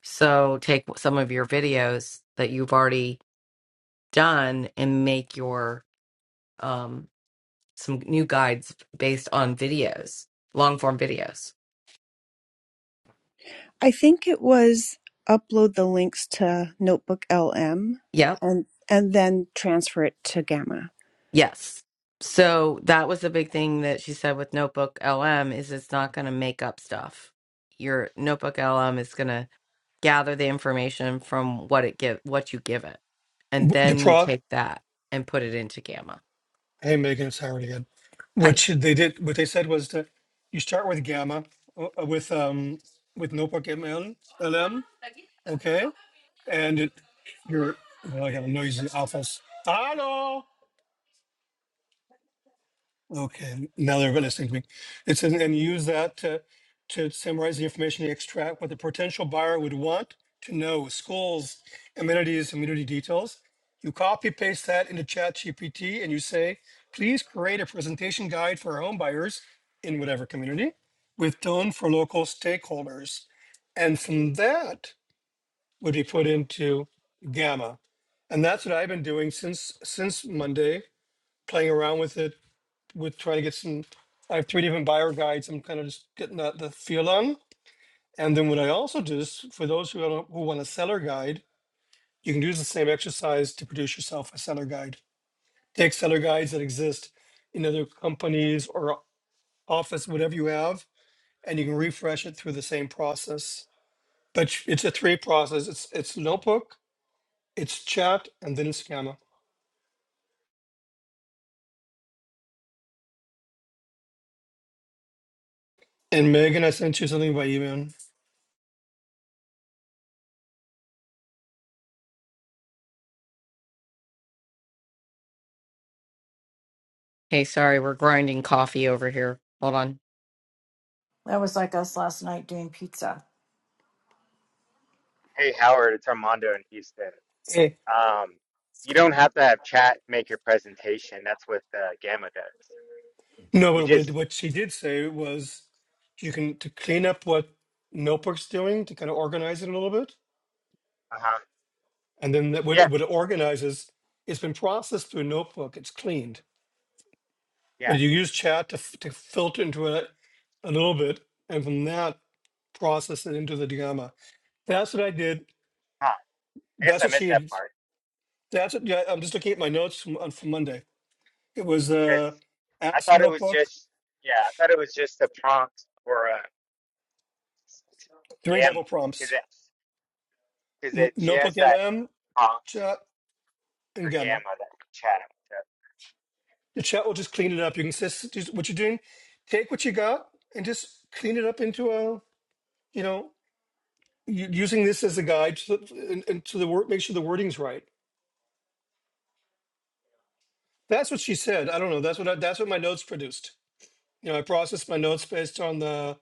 [SPEAKER 2] so take some of your videos that you've already done and make your um, some new guides based on videos, long form videos.
[SPEAKER 7] I think it was upload the links to Notebook LM
[SPEAKER 2] Yep.
[SPEAKER 7] and and then transfer it to Gamma.
[SPEAKER 2] Yes. So that was the big thing that she said with Notebook LM is it's not going to make up stuff. Your Notebook LM is going to gather the information from what it give what you give it. And
[SPEAKER 6] W- The
[SPEAKER 2] then you
[SPEAKER 6] pro.
[SPEAKER 2] take that and put it into Gamma.
[SPEAKER 6] Hey, Megan, it's Howard again. What
[SPEAKER 2] Hi.
[SPEAKER 6] should they did, what they said was to, you start with Gamma, uh, uh, with, um, with Notebook ML, LM, okay? And it, you're, well, I got a noisy office. Hello? Okay, now they're listening to me. It says, and use that to, to summarize the information you extract, what the potential buyer would want to know, schools, amenities, community details. You copy paste that into ChatGPT and you say, please create a presentation guide for our home buyers in whatever community with tone for local stakeholders. And from that would be put into Gamma. And that's what I've been doing since, since Monday, playing around with it with trying to get some, I have three different buyer guides. I'm kind of just getting that the feel on. And then what I also do is for those who don't, who want a seller guide, you can do the same exercise to produce yourself a seller guide. Take seller guides that exist in other companies or office, whatever you have, and you can refresh it through the same process. But it's a three process. It's it's notebook, it's chat, and then it's Gamma. And Megan, I sent you something by email.
[SPEAKER 2] Hey, sorry, we're grinding coffee over here. Hold on.
[SPEAKER 1] that was like us last night doing pizza.
[SPEAKER 5] Hey Howard, it's Armando in Houston.
[SPEAKER 6] Hey.
[SPEAKER 5] Um, you don't have to have chat make your presentation. That's what uh, Gamma does.
[SPEAKER 6] No,
[SPEAKER 5] You
[SPEAKER 6] but what,
[SPEAKER 5] just,
[SPEAKER 6] what she did say was you can to clean up what Notebook's doing to kind of organize it a little bit,
[SPEAKER 5] uh huh,
[SPEAKER 6] and then that, what,
[SPEAKER 5] yeah,
[SPEAKER 6] it, what it organizes, it's been processed through Notebook, it's cleaned,
[SPEAKER 5] yeah.
[SPEAKER 6] but you use Chat to f- to filter into it a little bit, and from that process it into the Digamma. That's what I did.
[SPEAKER 5] Huh. I guess
[SPEAKER 6] That's
[SPEAKER 5] I
[SPEAKER 6] what
[SPEAKER 5] missed
[SPEAKER 6] she
[SPEAKER 5] that
[SPEAKER 6] had.
[SPEAKER 5] part
[SPEAKER 6] That's what yeah, I'm just looking at my notes from, on- from Monday. It was
[SPEAKER 5] because
[SPEAKER 6] uh,
[SPEAKER 5] I
[SPEAKER 6] Ask
[SPEAKER 5] thought it was
[SPEAKER 6] Notebook,
[SPEAKER 5] just, yeah, I thought it was just a prompt for uh,
[SPEAKER 6] three
[SPEAKER 5] Gamma
[SPEAKER 6] double
[SPEAKER 5] because
[SPEAKER 6] prompts,
[SPEAKER 5] it because
[SPEAKER 6] N-
[SPEAKER 5] it she
[SPEAKER 6] Notebook
[SPEAKER 5] has that
[SPEAKER 6] LM,
[SPEAKER 5] prompt
[SPEAKER 6] Chat, and
[SPEAKER 5] for
[SPEAKER 6] Gamma.
[SPEAKER 5] Gamma that we chat.
[SPEAKER 6] The chat will just clean it up. You can just, just what you're doing, take what you got and just clean it up into a, you know, u- using this as a guide to the, and, and to the word, make sure the wording's right. That's what she said. I don't know. That's what I, that's what my notes produced. You know, I processed my notes based on the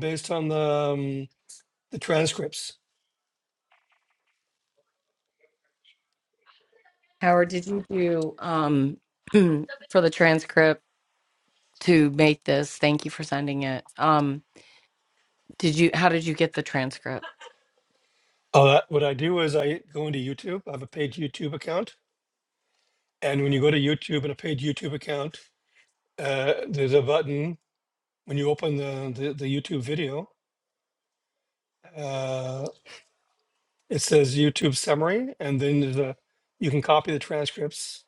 [SPEAKER 6] based on the um, the transcripts.
[SPEAKER 2] Howard, did you do um [clears throat] for the transcript to make this? Thank you for sending it. Um Did you? How did you get the transcript?
[SPEAKER 6] Oh, that, what I do is I go into YouTube. I have a paid YouTube account, and when you go to YouTube and a paid YouTube account, uh, there's a button when you open the the, the YouTube video. Uh, It says YouTube summary, and then there's a you can copy the transcripts,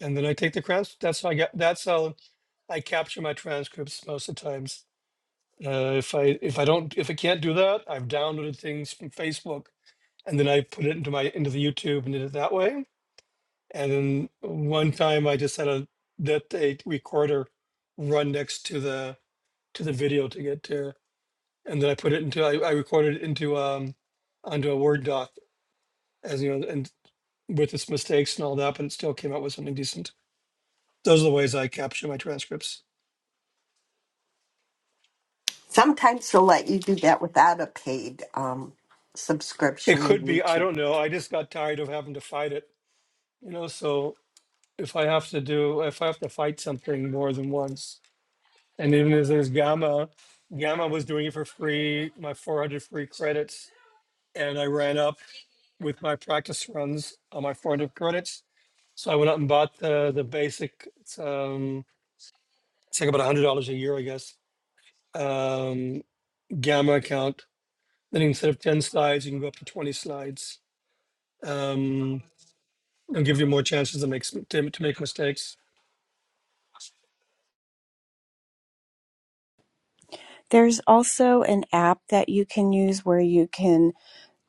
[SPEAKER 6] and then I take the trans. That's how I get. That's how I capture my transcripts most of the times. Uh, if I if I don't if I can't do that, I've downloaded things from Facebook, and then I put it into my into the YouTube and did it that way. And then one time I just had a that a recorder run next to the to the video to get to, and then I put it into I, I recorded it into um onto a Word doc as you know, and with its mistakes and all that, but it still came out with something decent. Those are the ways I capture my transcripts.
[SPEAKER 9] Sometimes they'll let you do that without a paid um,
[SPEAKER 6] It
[SPEAKER 9] subscription in
[SPEAKER 6] could be, I
[SPEAKER 9] YouTube.
[SPEAKER 6] don't know. I just got tired of having to fight it, you know. So if I have to do, if I have to fight something more than once, and even if there's Gamma, Gamma was doing it for free, my 400 free credits, and I ran up with my practice runs on my 400 credits. So I went out and bought the the basic. It's, um, it's like about $100 a year, I guess. Um, Gamma account Then instead of 10 slides, you can go up to 20 slides. Um, and give you more chances to make to, to make mistakes.
[SPEAKER 7] There's also an app that you can use where you can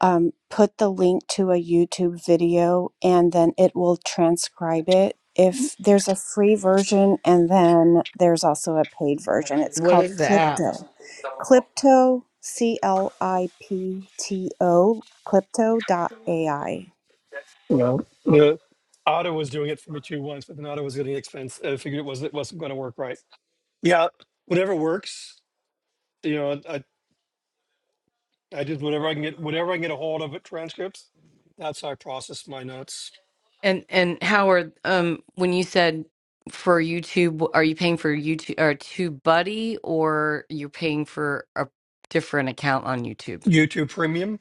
[SPEAKER 7] um, put the link to a YouTube video and then it will transcribe it. If there's a free version and then there's also a paid version, it's
[SPEAKER 2] What
[SPEAKER 7] called
[SPEAKER 2] is the app?
[SPEAKER 7] Clipto. Clipto, C L I P T O, Clipto AI.
[SPEAKER 6] Well, the Otto was doing it for me too once, but then Otto was getting expensive. I figured it was it wasn't going to work right. Yeah, whatever works. You know, I I just whatever I can get whatever I can get a hold of at transcripts. That's how I process my notes.
[SPEAKER 2] And and Howard, um, when you said for YouTube, are you paying for YouTube or TubeBuddy, or you're paying for a different account on YouTube
[SPEAKER 6] YouTube Premium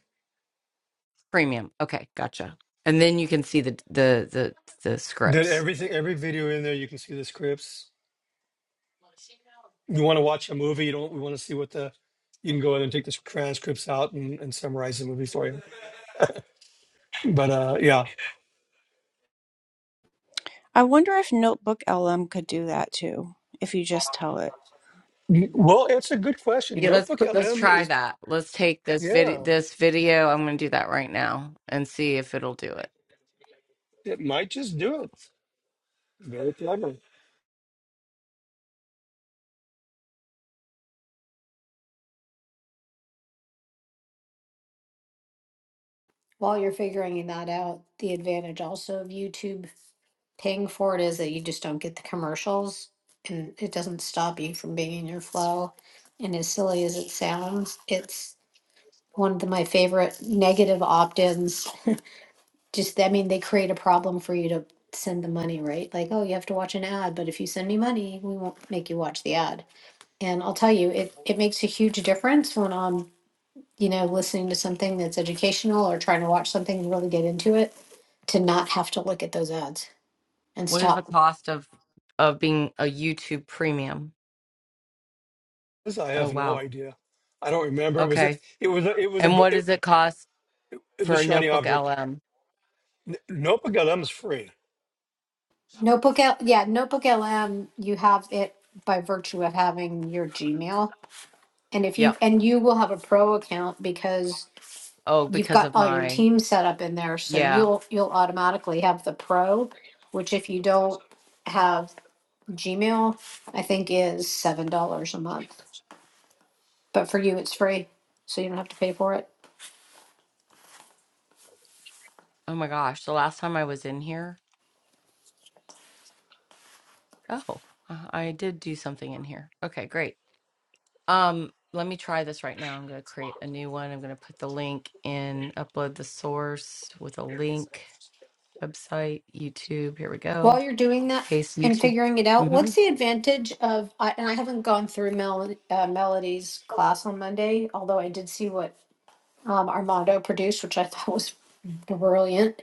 [SPEAKER 2] Premium? Okay, gotcha. And then you can see the the the the
[SPEAKER 6] did
[SPEAKER 2] scripts.
[SPEAKER 6] everything every video in there. You can see the scripts. you want to watch a movie, you don't we want to see what the you can go in and take the transcripts out and, and summarize the movie for you. But uh yeah.
[SPEAKER 7] I wonder if Notebook LM could do that too, if you just tell it.
[SPEAKER 6] N- Well, it's a good question.
[SPEAKER 2] Yeah, let's
[SPEAKER 6] Notebook
[SPEAKER 2] put let's
[SPEAKER 6] LM
[SPEAKER 2] try
[SPEAKER 6] is
[SPEAKER 2] that. Let's take this video
[SPEAKER 6] yeah,
[SPEAKER 2] this video. I'm going to do that right now and see if it'll do it.
[SPEAKER 6] it might just do it. Very clever.
[SPEAKER 8] while you're figuring that out, the advantage also of YouTube paying for it is that you just don't get the commercials and it doesn't stop you from being in your flow. And as silly as it sounds, it's. one of my favorite negative opt-ins. [laughs] Just, I mean, they create a problem for you to send the money, right? Like, oh, you have to watch an ad, but if you send me money, we won't make you watch the ad. And I'll tell you, it it makes a huge difference when I'm, you know, listening to something that's educational or trying to watch something and really get into it to not have to look at those ads and
[SPEAKER 2] What is the
[SPEAKER 8] stop.
[SPEAKER 2] cost of of being a YouTube premium?
[SPEAKER 6] This I
[SPEAKER 2] Oh
[SPEAKER 6] have no
[SPEAKER 2] wow.
[SPEAKER 6] idea. I don't remember. It was a
[SPEAKER 2] Okay.
[SPEAKER 6] it was a it was a
[SPEAKER 2] And
[SPEAKER 6] go-
[SPEAKER 2] what
[SPEAKER 6] it,
[SPEAKER 2] does it cost
[SPEAKER 6] it was a
[SPEAKER 2] for a
[SPEAKER 6] shiny
[SPEAKER 2] notebook
[SPEAKER 6] object.
[SPEAKER 2] LM?
[SPEAKER 6] N- Notebook LM is free.
[SPEAKER 8] Notebook L, yeah, Notebook LM, you have it by virtue of having your Gmail. And if you,
[SPEAKER 2] Yep.
[SPEAKER 8] and you will have a pro account because
[SPEAKER 2] Oh,
[SPEAKER 8] you've
[SPEAKER 2] because
[SPEAKER 8] got
[SPEAKER 2] of
[SPEAKER 8] all your
[SPEAKER 2] my
[SPEAKER 8] teams set up in there, so
[SPEAKER 2] yeah.
[SPEAKER 8] you'll, you'll automatically have the pro, which if you don't have Gmail, I think is seven dollars a month. But for you, it's free, so you don't have to pay for it.
[SPEAKER 2] Oh my gosh, the last time I was in here. Oh, uh, I did do something in here. Okay, great. Um let me try this right now. I'm going to create a new one. I'm going to put the link in, upload the source with a link. website, YouTube. Here we
[SPEAKER 8] While
[SPEAKER 2] go.
[SPEAKER 8] you're doing that
[SPEAKER 2] Paste
[SPEAKER 8] and
[SPEAKER 2] YouTube.
[SPEAKER 8] figuring it out,
[SPEAKER 2] hmm
[SPEAKER 8] what's the advantage of, I- and I haven't gone through Mel, uh, Melody's class on Monday, although I did see what um, Armando produced, which I [laughs] thought was brilliant.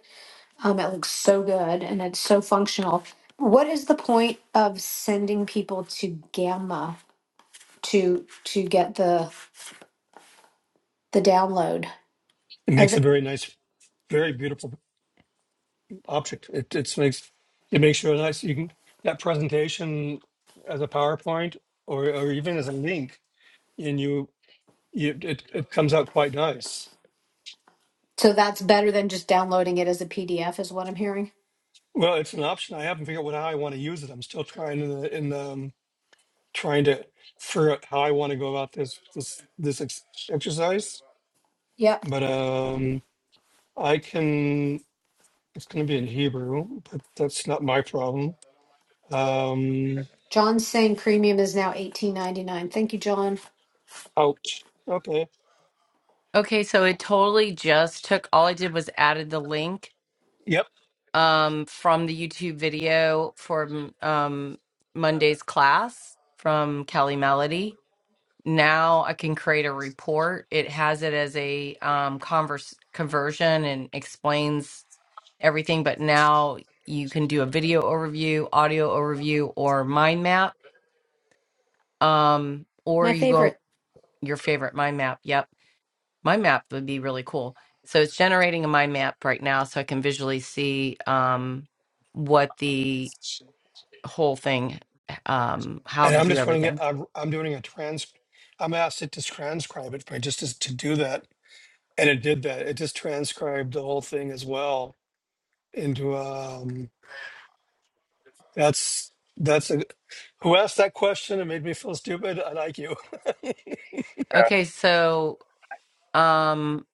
[SPEAKER 8] Um, it looks so good and it's so functional. What is the point of sending people to Gamma to to get the the download?
[SPEAKER 6] It
[SPEAKER 8] Or
[SPEAKER 6] makes a
[SPEAKER 8] the,
[SPEAKER 6] very nice, very beautiful. object. It it's makes it makes sure that you can that presentation as a PowerPoint or or even as a link, and you, you it it comes out quite nice.
[SPEAKER 8] so that's better than just downloading it as a PDF, is what I'm hearing.
[SPEAKER 6] Well, it's an option. I haven't figured out what- how I want to use it. I'm still trying in the, in the um, trying to figure out how I want to go about this this this ex- exercise.
[SPEAKER 8] Yep.
[SPEAKER 6] But um, I can. It's going to be in Hebrew, but that's not my problem. Um,
[SPEAKER 8] John's saying premium is now eighteen ninety nine. Thank you, John.
[SPEAKER 6] ouch. Okay.
[SPEAKER 2] Okay, so it totally just took all I did was added the link
[SPEAKER 6] Yep.
[SPEAKER 2] um, from the YouTube video from um, Monday's class from Kelly Melody. Now I can create a report. It has it as a um, converse conversion and explains everything. But now you can do a video overview, audio overview, or mind map. Um, or
[SPEAKER 8] My
[SPEAKER 2] you go
[SPEAKER 8] favorite.
[SPEAKER 2] your favorite mind map. Yep. Mind map would be really cool. So it's generating a mind map right now so I can visually see um, what the whole thing, um, how
[SPEAKER 6] And
[SPEAKER 2] to
[SPEAKER 6] I'm
[SPEAKER 2] do
[SPEAKER 6] just running it.
[SPEAKER 2] everything.
[SPEAKER 6] I'm, I'm doing a trans. I'm asked it to transcribe it, but just as, to do that, and it did that. It just transcribed the whole thing as well into. Um, that's that's a, who asked that question and made me feel stupid. I like you.
[SPEAKER 5] So
[SPEAKER 2] Okay. So um,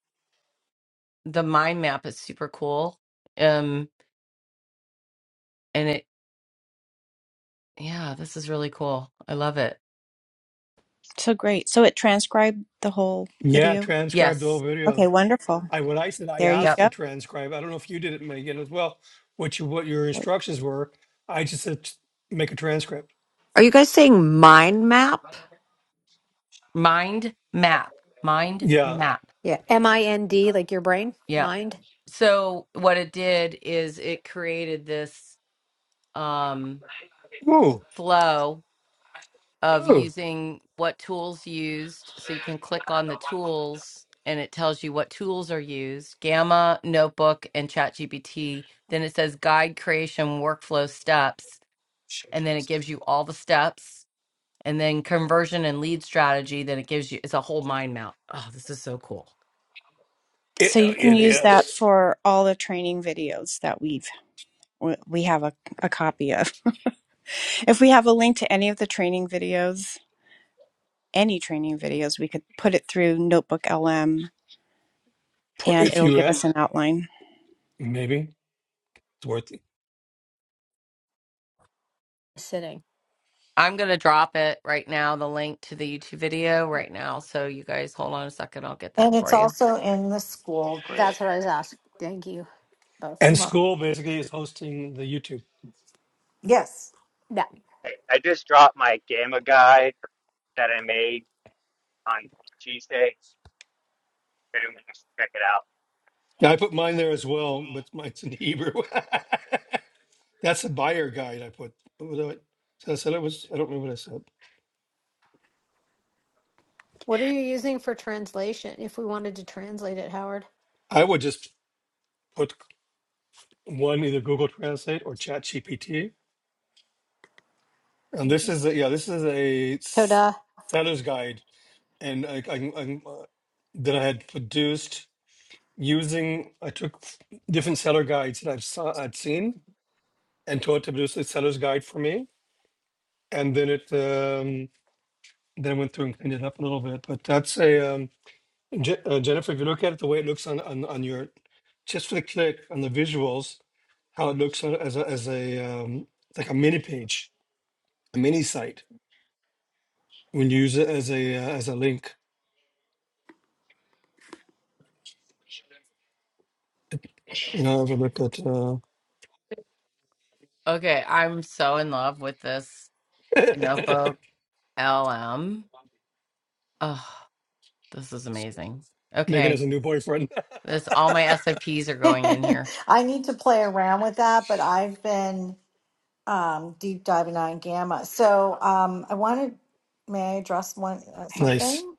[SPEAKER 2] the mind map is super cool. Um, and it, yeah, this is really cool. I love it.
[SPEAKER 7] So great. So it transcribed the whole
[SPEAKER 6] Yeah,
[SPEAKER 7] video.
[SPEAKER 6] transcribed the whole
[SPEAKER 2] Yes.
[SPEAKER 7] Okay,
[SPEAKER 6] video.
[SPEAKER 7] wonderful.
[SPEAKER 6] I when I said I
[SPEAKER 7] There you
[SPEAKER 2] Yep.
[SPEAKER 6] asked to
[SPEAKER 7] go.
[SPEAKER 6] transcribe. I don't know if you did it, Megan, as well. What you what your instructions were. I just said "Just make a transcript.
[SPEAKER 10] Are you guys saying mind map?
[SPEAKER 2] Mind map. Mind
[SPEAKER 6] Yeah.
[SPEAKER 2] map.
[SPEAKER 8] Yeah. M I N D, like your brain,
[SPEAKER 2] Yep.
[SPEAKER 8] mind,
[SPEAKER 2] So what it did is it created this um,
[SPEAKER 6] Ooh.
[SPEAKER 2] flow of
[SPEAKER 6] Ooh.
[SPEAKER 2] using what tools used. So you can click on the tools and it tells you what tools are used Gamma, Notebook, and ChatGPT. Then it says guide creation workflow steps. And then it gives you all the steps and then conversion and lead strategy. Then it gives you, it's a whole mind map. Oh, this is so cool.
[SPEAKER 6] It,
[SPEAKER 7] So
[SPEAKER 6] uh,
[SPEAKER 7] you can
[SPEAKER 6] it
[SPEAKER 7] use that
[SPEAKER 6] is.
[SPEAKER 7] for all the training videos that we've we have a, a copy of. [laughs] If we have a link to any of the training videos, any training videos, we could put it through Notebook LM
[SPEAKER 6] pr-
[SPEAKER 7] and
[SPEAKER 6] if
[SPEAKER 7] it'll
[SPEAKER 6] you
[SPEAKER 7] give
[SPEAKER 6] uh,
[SPEAKER 7] us an outline.
[SPEAKER 6] maybe it's worth it.
[SPEAKER 8] sitting.
[SPEAKER 2] I'm going to drop it right now, the link to the YouTube video
[SPEAKER 8] Right.
[SPEAKER 2] right now. So you guys hold on a second. I'll get that
[SPEAKER 1] And it's
[SPEAKER 2] for you.
[SPEAKER 1] also in the school group.
[SPEAKER 8] That's what I was asking. Thank you both.
[SPEAKER 6] And
[SPEAKER 1] Come on.
[SPEAKER 6] school basically is hosting the YouTube.
[SPEAKER 1] Yes.
[SPEAKER 8] Yeah.
[SPEAKER 5] Hey, I just dropped my gamma guide that I made on Tuesday. If anyone wants to check it out.
[SPEAKER 6] Yeah, I put mine there as well, but mine's in Hebrew. [laughs] That's the buyer guide I put. What was it? So I said it was. I don't remember what I said.
[SPEAKER 8] What are you using for translation? If we wanted to translate it, Howard.
[SPEAKER 6] I would just put one either Google Translate or Chat GPT. And
[SPEAKER 8] Thank
[SPEAKER 6] this
[SPEAKER 8] you.
[SPEAKER 6] is a, yeah, this is a s-
[SPEAKER 8] Toda.
[SPEAKER 6] seller's guide, and I, I, I uh, that I had produced using. I took different seller guides that I've saw, I'd seen and taught to produce a seller's guide for me and then it um, then I went through and cleaned it up a little bit. But that's a um, Je- uh, Jennifer. If you look at it, the way it looks on on, on your just for the click on the visuals, how it looks on, as a, as a um, like a mini page, a mini site when you use it as a uh, as a link. You know, have a look at uh,
[SPEAKER 2] Okay. I'm so in love with this Notebook LM Oh, this is amazing.
[SPEAKER 6] Megan
[SPEAKER 2] Okay.
[SPEAKER 6] has a new boyfriend.
[SPEAKER 2] This all my SOPs are
[SPEAKER 1] [laughs]
[SPEAKER 2] going in here.
[SPEAKER 1] I need to play around with that, but I've been um, deep diving on gamma. So um, I wanted, may I address one uh,
[SPEAKER 6] [laughs] nice.
[SPEAKER 1] something?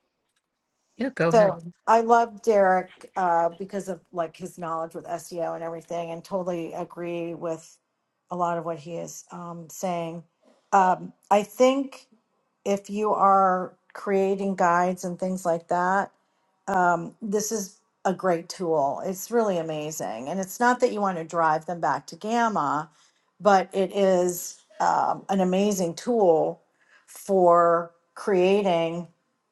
[SPEAKER 2] Yeah, go ahead.
[SPEAKER 1] So I love Derek uh, because of like his knowledge with SEO and everything, and totally agree with a lot of what he is um, saying. Um, I think if you are creating guides and things like that, um, this is a great tool. It's really amazing. And it's not that you want to drive them back to Gamma, but it is um, an amazing tool for creating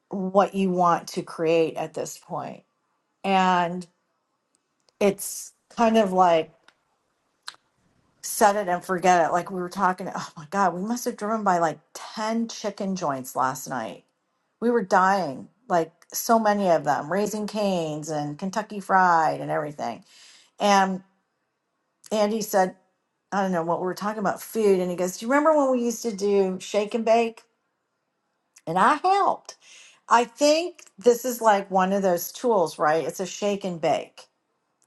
[SPEAKER 1] what you want to create at this point. And it's kind of like set it and forget it. Like we were talking, oh my God, we must have driven by like 10 chicken joints last night. We were dying, like so many of them, Raising Canes and Kentucky Fried and everything. And Andy said, I don't know what we were talking about, food. And he goes, Do you remember when we used to do shake and bake? And I helped. I think this is like one of those tools, right? It's a shake and bake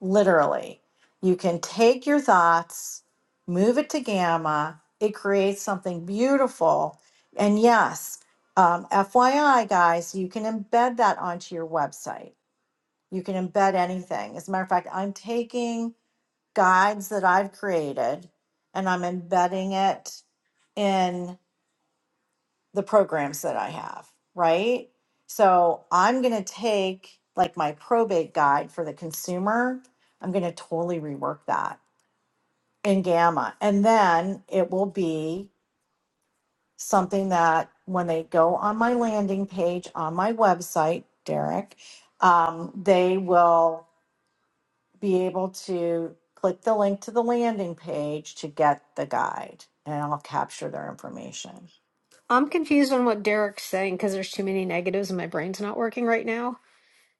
[SPEAKER 1] literally. You can take your thoughts, move it to gamma, it creates something beautiful. And yes, um, FYI, guys, you can embed that onto your website. You can embed anything. As a matter of fact, I'm taking guides that I've created and I'm embedding it in the programs that I have, right? So I'm going to take like my probate guide for the consumer, I'm going to totally rework that and gamma. And then it will be something that when they go on my landing page on my website, Derek, um, they will be able to click the link to the landing page to get the guide and I'll capture their information.
[SPEAKER 8] I'm confused on what Derek's saying because there's too many negatives and my brain's not working right now.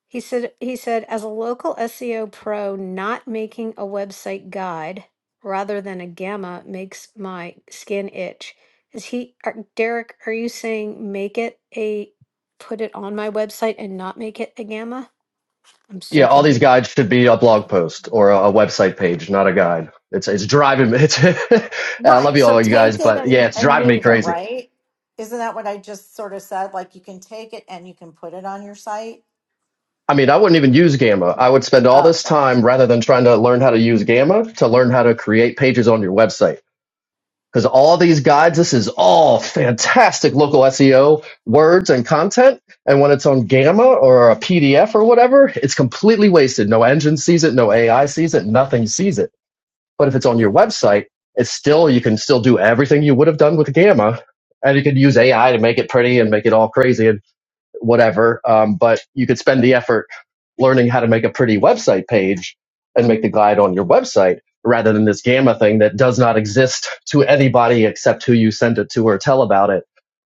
[SPEAKER 8] He said he said as a local SEO pro, not making a website guide rather than a gamma makes my skin itch. Is he are, Derek? Are you saying make it a put it on my website and not make it a gamma? I'm
[SPEAKER 11] Yeah,
[SPEAKER 8] so
[SPEAKER 11] all these
[SPEAKER 8] confused.
[SPEAKER 11] guides should be a blog post or a, a website page, not a guide. It's it's driving me. It's, [laughs] I love
[SPEAKER 1] Right.
[SPEAKER 11] you
[SPEAKER 1] So
[SPEAKER 11] all, you guys,
[SPEAKER 1] take it
[SPEAKER 11] but
[SPEAKER 1] and,
[SPEAKER 11] yeah, it's
[SPEAKER 1] and
[SPEAKER 11] driving me
[SPEAKER 1] move it,
[SPEAKER 11] crazy.
[SPEAKER 1] right? Isn't that what I just sort of said? Like you can take it and you can put it on your site.
[SPEAKER 11] I mean, I wouldn't even use Gamma. I would spend all
[SPEAKER 1] Oh,
[SPEAKER 11] this
[SPEAKER 1] well,
[SPEAKER 11] time rather than trying to learn how to use Gamma to learn how to create pages on your website. Because all these guides, this is all fantastic local SEO words and content. And when it's on Gamma or a PDF or whatever, it's completely wasted. No engine sees it, no AI sees it, nothing sees it But if it's on your website, it's still, you can still do everything you would have done with Gamma and you can use AI to make it pretty and make it all crazy and whatever. Um, but you could spend the effort learning how to make a pretty website page and make the guide on your website rather than this Gamma thing that does not exist to anybody except who you send it to or tell about it.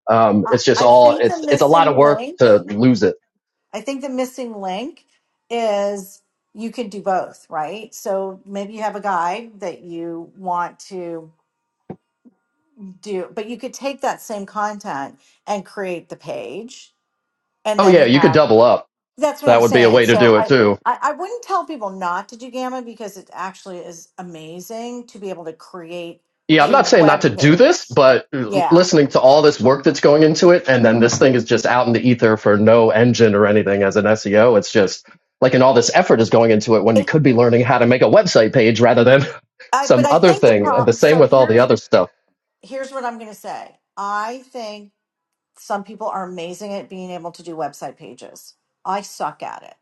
[SPEAKER 11] Um,
[SPEAKER 1] I,
[SPEAKER 11] it's just
[SPEAKER 1] I
[SPEAKER 11] all,
[SPEAKER 1] think the
[SPEAKER 11] it's, it's a lot
[SPEAKER 1] missing
[SPEAKER 11] of work
[SPEAKER 1] link
[SPEAKER 11] to lose it.
[SPEAKER 1] I think the missing link is you can do both, right? So maybe you have a guide that you want to do, but you could take that same content and create the page and
[SPEAKER 11] Oh yeah,
[SPEAKER 1] then
[SPEAKER 11] you could
[SPEAKER 1] have
[SPEAKER 11] double up.
[SPEAKER 1] that's what
[SPEAKER 11] That
[SPEAKER 1] I'm
[SPEAKER 11] would be a
[SPEAKER 1] saying.
[SPEAKER 11] way to
[SPEAKER 1] So
[SPEAKER 11] do it
[SPEAKER 1] I,
[SPEAKER 11] too.
[SPEAKER 1] I, I wouldn't tell people not to do Gamma because it actually is amazing to be able to create
[SPEAKER 11] Yeah, I'm
[SPEAKER 1] a
[SPEAKER 11] not saying not to
[SPEAKER 1] web
[SPEAKER 11] do this,
[SPEAKER 1] page.
[SPEAKER 11] but
[SPEAKER 1] Yeah.
[SPEAKER 11] listening to all this work that's going into it, and then this thing is just out in the ether for no engine or anything as an SEO. It's just like, and all this effort is going into it when you
[SPEAKER 1] It,
[SPEAKER 11] could be learning how to make a website page rather than [laughs]
[SPEAKER 1] I, but
[SPEAKER 11] some
[SPEAKER 1] I
[SPEAKER 11] other
[SPEAKER 1] think the
[SPEAKER 11] thing. uh, The
[SPEAKER 1] prop,
[SPEAKER 11] same
[SPEAKER 1] so
[SPEAKER 11] with all the
[SPEAKER 1] here's,
[SPEAKER 11] other stuff.
[SPEAKER 1] here's what I'm going to say. I think some people are amazing at being able to do website pages. I suck at it.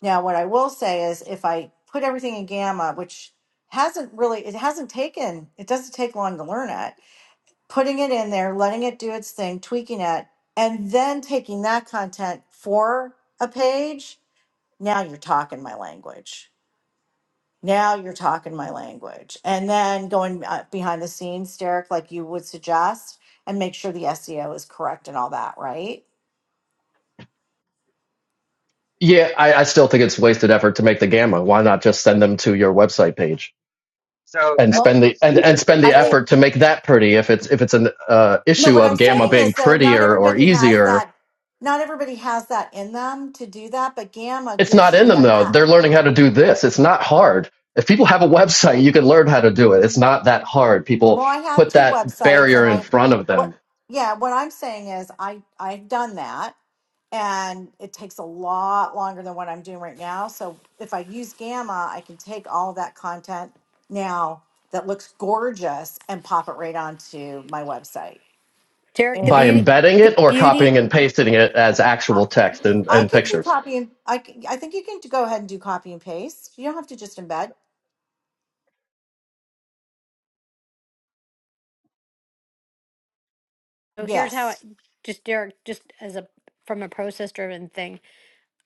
[SPEAKER 1] Now, what I will say is if I put everything in Gamma, which hasn't really, it hasn't taken, it doesn't take long to learn it, putting it in there, letting it do its thing, tweaking it, and then taking that content for a page, now you're talking my language. Now you're talking my language. And then going uh, behind the scenes, Derek, like you would suggest, and make sure the SEO is correct and all that, right?
[SPEAKER 11] Yeah, I, I still think it's wasted effort to make the gamma. Why not just send them to your website page?
[SPEAKER 5] So
[SPEAKER 11] and
[SPEAKER 5] I
[SPEAKER 1] Well.
[SPEAKER 5] think
[SPEAKER 11] spend the
[SPEAKER 5] there's
[SPEAKER 11] and,
[SPEAKER 5] two
[SPEAKER 11] and spend
[SPEAKER 5] different
[SPEAKER 11] the
[SPEAKER 1] I think
[SPEAKER 5] goals.
[SPEAKER 11] effort to make that pretty if it's if it's an uh,
[SPEAKER 1] no.
[SPEAKER 11] issue
[SPEAKER 1] What I'm
[SPEAKER 11] of gamma
[SPEAKER 1] saying
[SPEAKER 11] being
[SPEAKER 1] is though, not
[SPEAKER 11] prettier or
[SPEAKER 1] everybody has
[SPEAKER 11] easier
[SPEAKER 1] that. Not everybody has that in them to do that. But Gamma
[SPEAKER 11] it's not
[SPEAKER 1] gives
[SPEAKER 11] in
[SPEAKER 1] you the
[SPEAKER 11] them though
[SPEAKER 1] hat.
[SPEAKER 11] they're learning how to do this it's not hard if people have a website you can learn how to do it it's not that hard people
[SPEAKER 1] Well, I have
[SPEAKER 11] put
[SPEAKER 1] two
[SPEAKER 11] that
[SPEAKER 1] websites, and
[SPEAKER 11] barrier in
[SPEAKER 1] I
[SPEAKER 11] front of
[SPEAKER 1] what?
[SPEAKER 11] them
[SPEAKER 1] Yeah, what I'm saying is I I've done that, and it takes a lot longer than what I'm doing right now. So if I use Gamma, I can take all that content now that looks gorgeous and pop it right onto my website.
[SPEAKER 8] Derek, the
[SPEAKER 11] by
[SPEAKER 1] And
[SPEAKER 8] beauty,
[SPEAKER 11] embedding it
[SPEAKER 8] the
[SPEAKER 11] or
[SPEAKER 8] beauty.
[SPEAKER 11] copying and pasting it as
[SPEAKER 1] Right.
[SPEAKER 11] actual text and,
[SPEAKER 1] I
[SPEAKER 11] and
[SPEAKER 1] could do
[SPEAKER 11] pictures
[SPEAKER 1] copy and I, c- I think you can go ahead and do copy and paste. You don't have to just embed.
[SPEAKER 8] So here's how I
[SPEAKER 1] Yes.
[SPEAKER 8] just Derek, just as a from a process driven thing.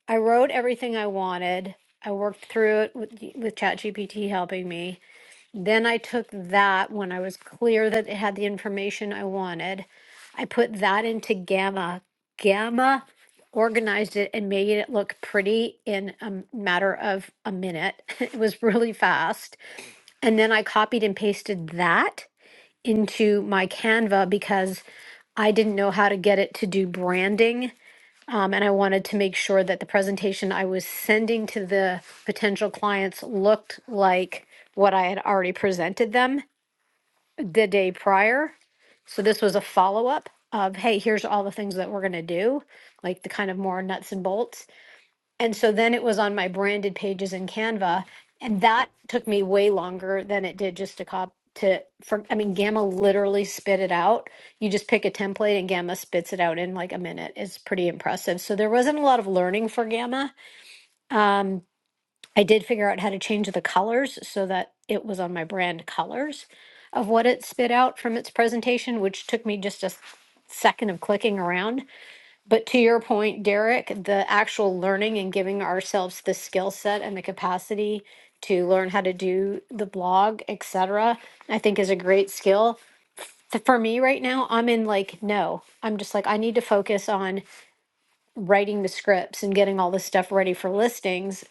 [SPEAKER 8] I wrote everything I wanted. I worked through it with, with ChatGPT helping me. Then I took that when I was clear that it had the information I wanted. I put that into Gamma. Gamma organized it and made it look pretty in a m- matter of a minute. [laughs] it was really fast. And then I copied and pasted that into my Canva because I didn't know how to get it to do branding um, and I wanted to make sure that the presentation I was sending to the potential clients looked like what I had already presented them the day prior. So this was a follow up of, hey, here's all the things that we're going to do, like the kind of more nuts and bolts. And so then it was on my branded pages in Canva, and that took me way longer than it did just to cop to for I mean Gamma literally spit it out. You just pick a template and Gamma spits it out in like a minute. It's pretty impressive. So there wasn't a lot of learning for Gamma. I did figure out how to change the colors so that it was on my brand colors of what it spit out from its presentation, which took me just a second of clicking around but to your point, Derek, the actual learning and giving ourselves the skill set and the capacity to learn how to do the blog, etc., I think is a great skill. Th- For me right now, I'm in like, no, I'm just like, I need to focus on writing the scripts and getting all this stuff ready for listings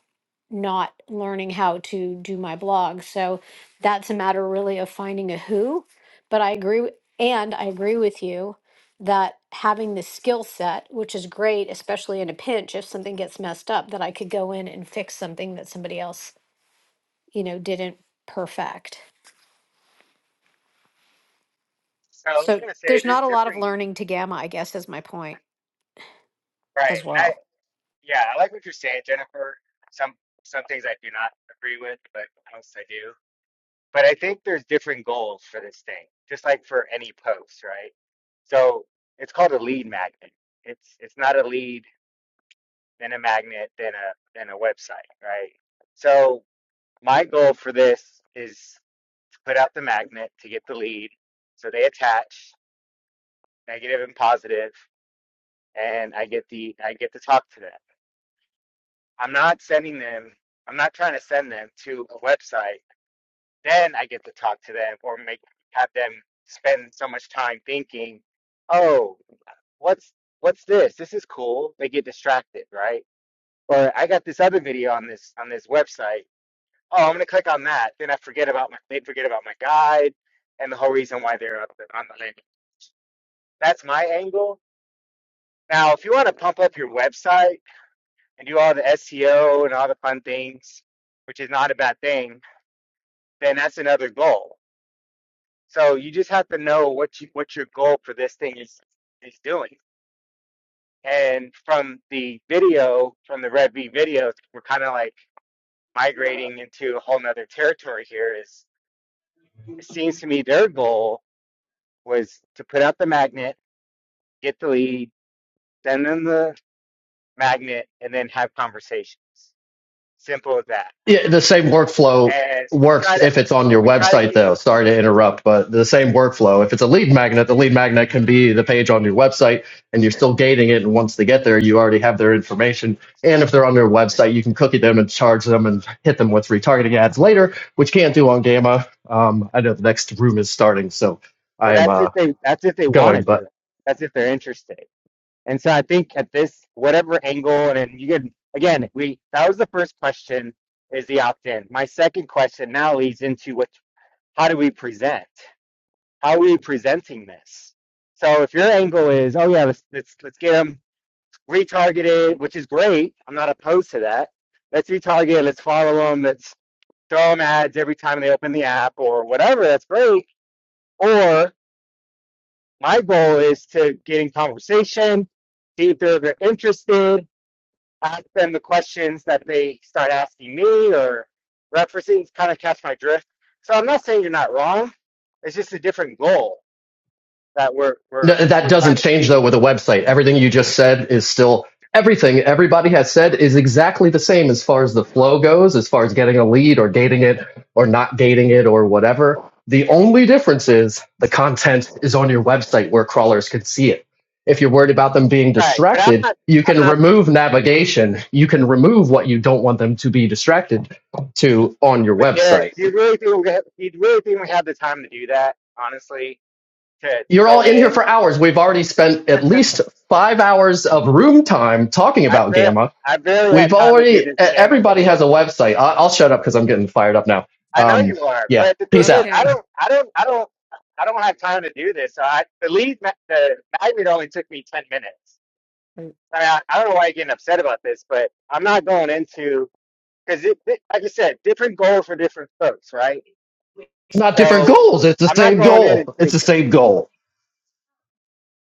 [SPEAKER 8] not learning how to do my blog. So that's a matter really of finding a who. But I agree, w- and I agree with you that having the skill set, which is great, especially in a pinch, if something gets messed up, that I could go in and fix something that somebody else, you know, didn't perfect.
[SPEAKER 5] So I was
[SPEAKER 8] So
[SPEAKER 5] gonna say
[SPEAKER 8] there's
[SPEAKER 5] there's
[SPEAKER 8] not a lot of
[SPEAKER 5] different
[SPEAKER 8] learning to gamma, I guess, is my point
[SPEAKER 5] right,
[SPEAKER 8] as
[SPEAKER 5] and I
[SPEAKER 8] well.
[SPEAKER 5] yeah, I like what you're saying, Jennifer. Some some things I do not agree with, but most I do. But I think there's different goals for this thing, just like for any post, right? So it's called a lead magnet. It's it's not a lead, then a magnet, then a then a website, right? So My goal for this is to put out the magnet to get the lead, so they attach negative and positive, and I get the I get to talk to them. I'm not sending them. I'm not trying to send them to a website. Then I get to talk to them or make have them spend so much time thinking, oh, what's what's this? This is cool. They get distracted, right? Or I got this other video on this on this website oh, I'm gonna click on that. Then I forget about my they forget about my guide and the whole reason why they're up on the landing. That's my angle. Now, if you want to pump up your website and do all the SEO and all the fun things, which is not a bad thing, then that's another goal. So you just have to know what you, what your goal for this thing is is doing. And from the video, from the Red V videos, we're kind of like migrating into a whole nother territory here. Is it seems to me their goal was to put out the magnet, get the lead, send them the magnet, and then have conversations. Simple as that.
[SPEAKER 11] Yeah, the same workflow
[SPEAKER 5] And we
[SPEAKER 11] works
[SPEAKER 5] try to
[SPEAKER 11] if it's on your
[SPEAKER 5] we try to
[SPEAKER 11] website,
[SPEAKER 5] keep it.
[SPEAKER 11] though. Sorry to interrupt, but the same workflow. If it's a lead magnet, the lead magnet can be the page on your website, and you're still gating it. And once they get there, you already have their information. And if they're on their website, you can cookie them and charge them and hit them with retargeting ads later, which you can't do on Gamma. Um, I know the next room is starting, so
[SPEAKER 5] Well,
[SPEAKER 11] I am
[SPEAKER 5] that's if
[SPEAKER 11] uh,
[SPEAKER 5] they that's if they want to
[SPEAKER 11] going. But
[SPEAKER 5] do it. That's if they're interested. And so I think at this whatever angle, and then you can again we that was the first question is the opt in. My second question now leads into what how do we present? How are we presenting this? So if your angle is oh yeah let's let's let's get them retargeted, which is great. I'm not opposed to that. Let's retarget, let's follow them, let's throw them ads every time they open the app or whatever. That's great. Or my goal is to get in conversation, see if they're, they're interested, ask them the questions that they start asking me or referencing, kind of catch my drift. So I'm not saying you're not wrong. It's just a different goal that we're
[SPEAKER 11] No,
[SPEAKER 5] we're
[SPEAKER 11] that
[SPEAKER 5] we're trying
[SPEAKER 11] doesn't
[SPEAKER 5] to
[SPEAKER 11] change though
[SPEAKER 5] achieve.
[SPEAKER 11] with a website. Everything you just said is still everything everybody has said is exactly the same as far as the flow goes, as far as getting a lead or gating it or not gating it or whatever. The only difference is the content is on your website where crawlers can see it. If you're worried about them being
[SPEAKER 5] Right. But I'm
[SPEAKER 11] distracted,
[SPEAKER 5] not
[SPEAKER 11] you
[SPEAKER 5] I'm
[SPEAKER 11] can
[SPEAKER 5] not
[SPEAKER 11] remove navigation. You can remove what you don't want them to be distracted to on your
[SPEAKER 5] But
[SPEAKER 11] website
[SPEAKER 5] Derek, do you really think we have, do you really think we have the time to do that? Honestly, to to
[SPEAKER 11] You're all
[SPEAKER 5] go
[SPEAKER 11] in here
[SPEAKER 5] in,
[SPEAKER 11] for hours. We've already spent at least five hours of room time talking
[SPEAKER 5] I
[SPEAKER 11] about
[SPEAKER 5] bet
[SPEAKER 11] Gamma.
[SPEAKER 5] I barely have
[SPEAKER 11] We've
[SPEAKER 5] time to do
[SPEAKER 11] already, e-
[SPEAKER 5] this scamming thing.
[SPEAKER 11] everybody has a website. I, I'll shut up because I'm getting fired up now.
[SPEAKER 5] I know
[SPEAKER 11] Um,
[SPEAKER 5] you are,
[SPEAKER 11] yeah,
[SPEAKER 5] but the
[SPEAKER 11] peace
[SPEAKER 5] thing is,
[SPEAKER 11] out.
[SPEAKER 5] I
[SPEAKER 2] Okay.
[SPEAKER 5] don't, I don't, I don't, I don't have time to do this. So I the lead, ma- the magnet only took me ten minutes.
[SPEAKER 2] Right.
[SPEAKER 5] I mean, I, I don't know why you're getting upset about this, but I'm not going into because it, it, like you said, different goals for different folks, right?
[SPEAKER 11] It's not different
[SPEAKER 5] So
[SPEAKER 11] goals. It's the
[SPEAKER 5] I'm not
[SPEAKER 11] same
[SPEAKER 5] going in
[SPEAKER 11] goal.
[SPEAKER 5] and
[SPEAKER 11] It's the same goal.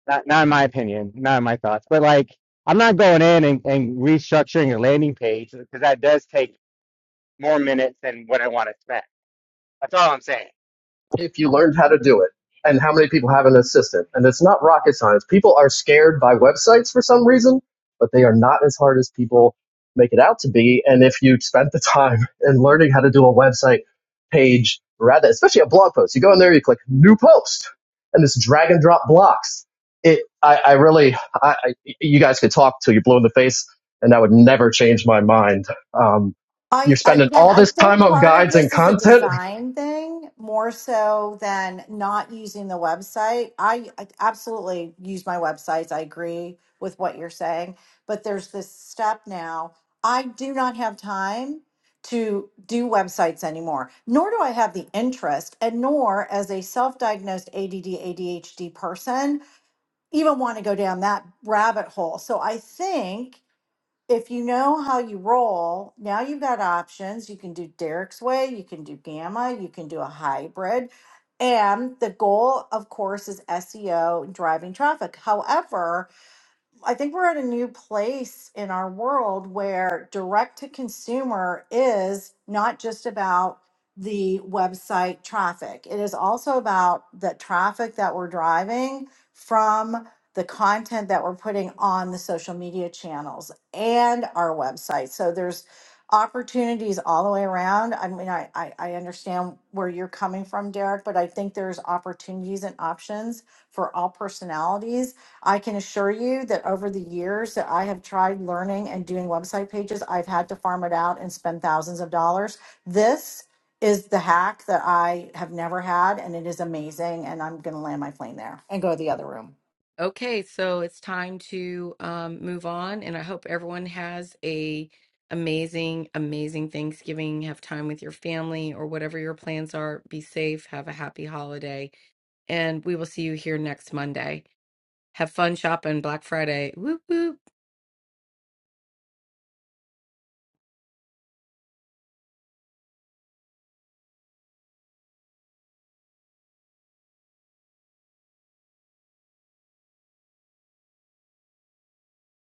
[SPEAKER 5] Not, not in my opinion, not in my thoughts, but like I'm not going in and, and restructuring a landing page because that does take more minutes than what I want to spend. That's all I'm saying.
[SPEAKER 11] if you learned how to do it and how many people have an assistant and it's not rocket science people are scared by websites for some reason but they are not as hard as people make it out to be and if you spent the [laughs] time in learning how to do a website page rather especially a blog post you go in there you click new post and this drag and drop blocks it i, I really I, I you guys could talk till you blow in the face and that would never change my mind um,
[SPEAKER 1] I,
[SPEAKER 11] you're
[SPEAKER 1] I
[SPEAKER 11] spending
[SPEAKER 1] again,
[SPEAKER 11] all
[SPEAKER 1] I
[SPEAKER 11] this time
[SPEAKER 1] think
[SPEAKER 11] on
[SPEAKER 1] part of
[SPEAKER 11] guides and
[SPEAKER 1] this is a
[SPEAKER 11] content
[SPEAKER 1] design thing more so than not using the website. I, I absolutely use my websites. I agree with what you're saying, but there's this step now. I do not have time to do websites anymore, nor do I have the interest, and nor as a self-diagnosed ADD ADHD person even want to go down that rabbit hole. So I think if you know how you roll, now you've got options. You can do Derek's way, you can do Gamma, you can do a hybrid. And the goal, of course, is SEO and driving traffic. However, I think we're at a new place in our world where direct to consumer is not just about the website traffic. It is also about the traffic that we're driving from the content that we're putting on the social media channels and our website. So there's opportunities all the way around. I mean, I, I, I understand where you're coming from, Derek, but I think there's opportunities and options for all personalities I can assure you that over the years that I have tried learning and doing website pages, I've had to farm it out and spend thousands of dollars. This is the hack that I have never had, and it is amazing. And I'm going to land my plane there and go to the other room.
[SPEAKER 2] Okay, so it's time to um, move on, and I hope everyone has a amazing, amazing Thanksgiving. Have time with your family or whatever your plans are. Be safe. Have a happy holiday, and we will see you here next Monday. Have fun shopping Black Friday. Whoop whoop.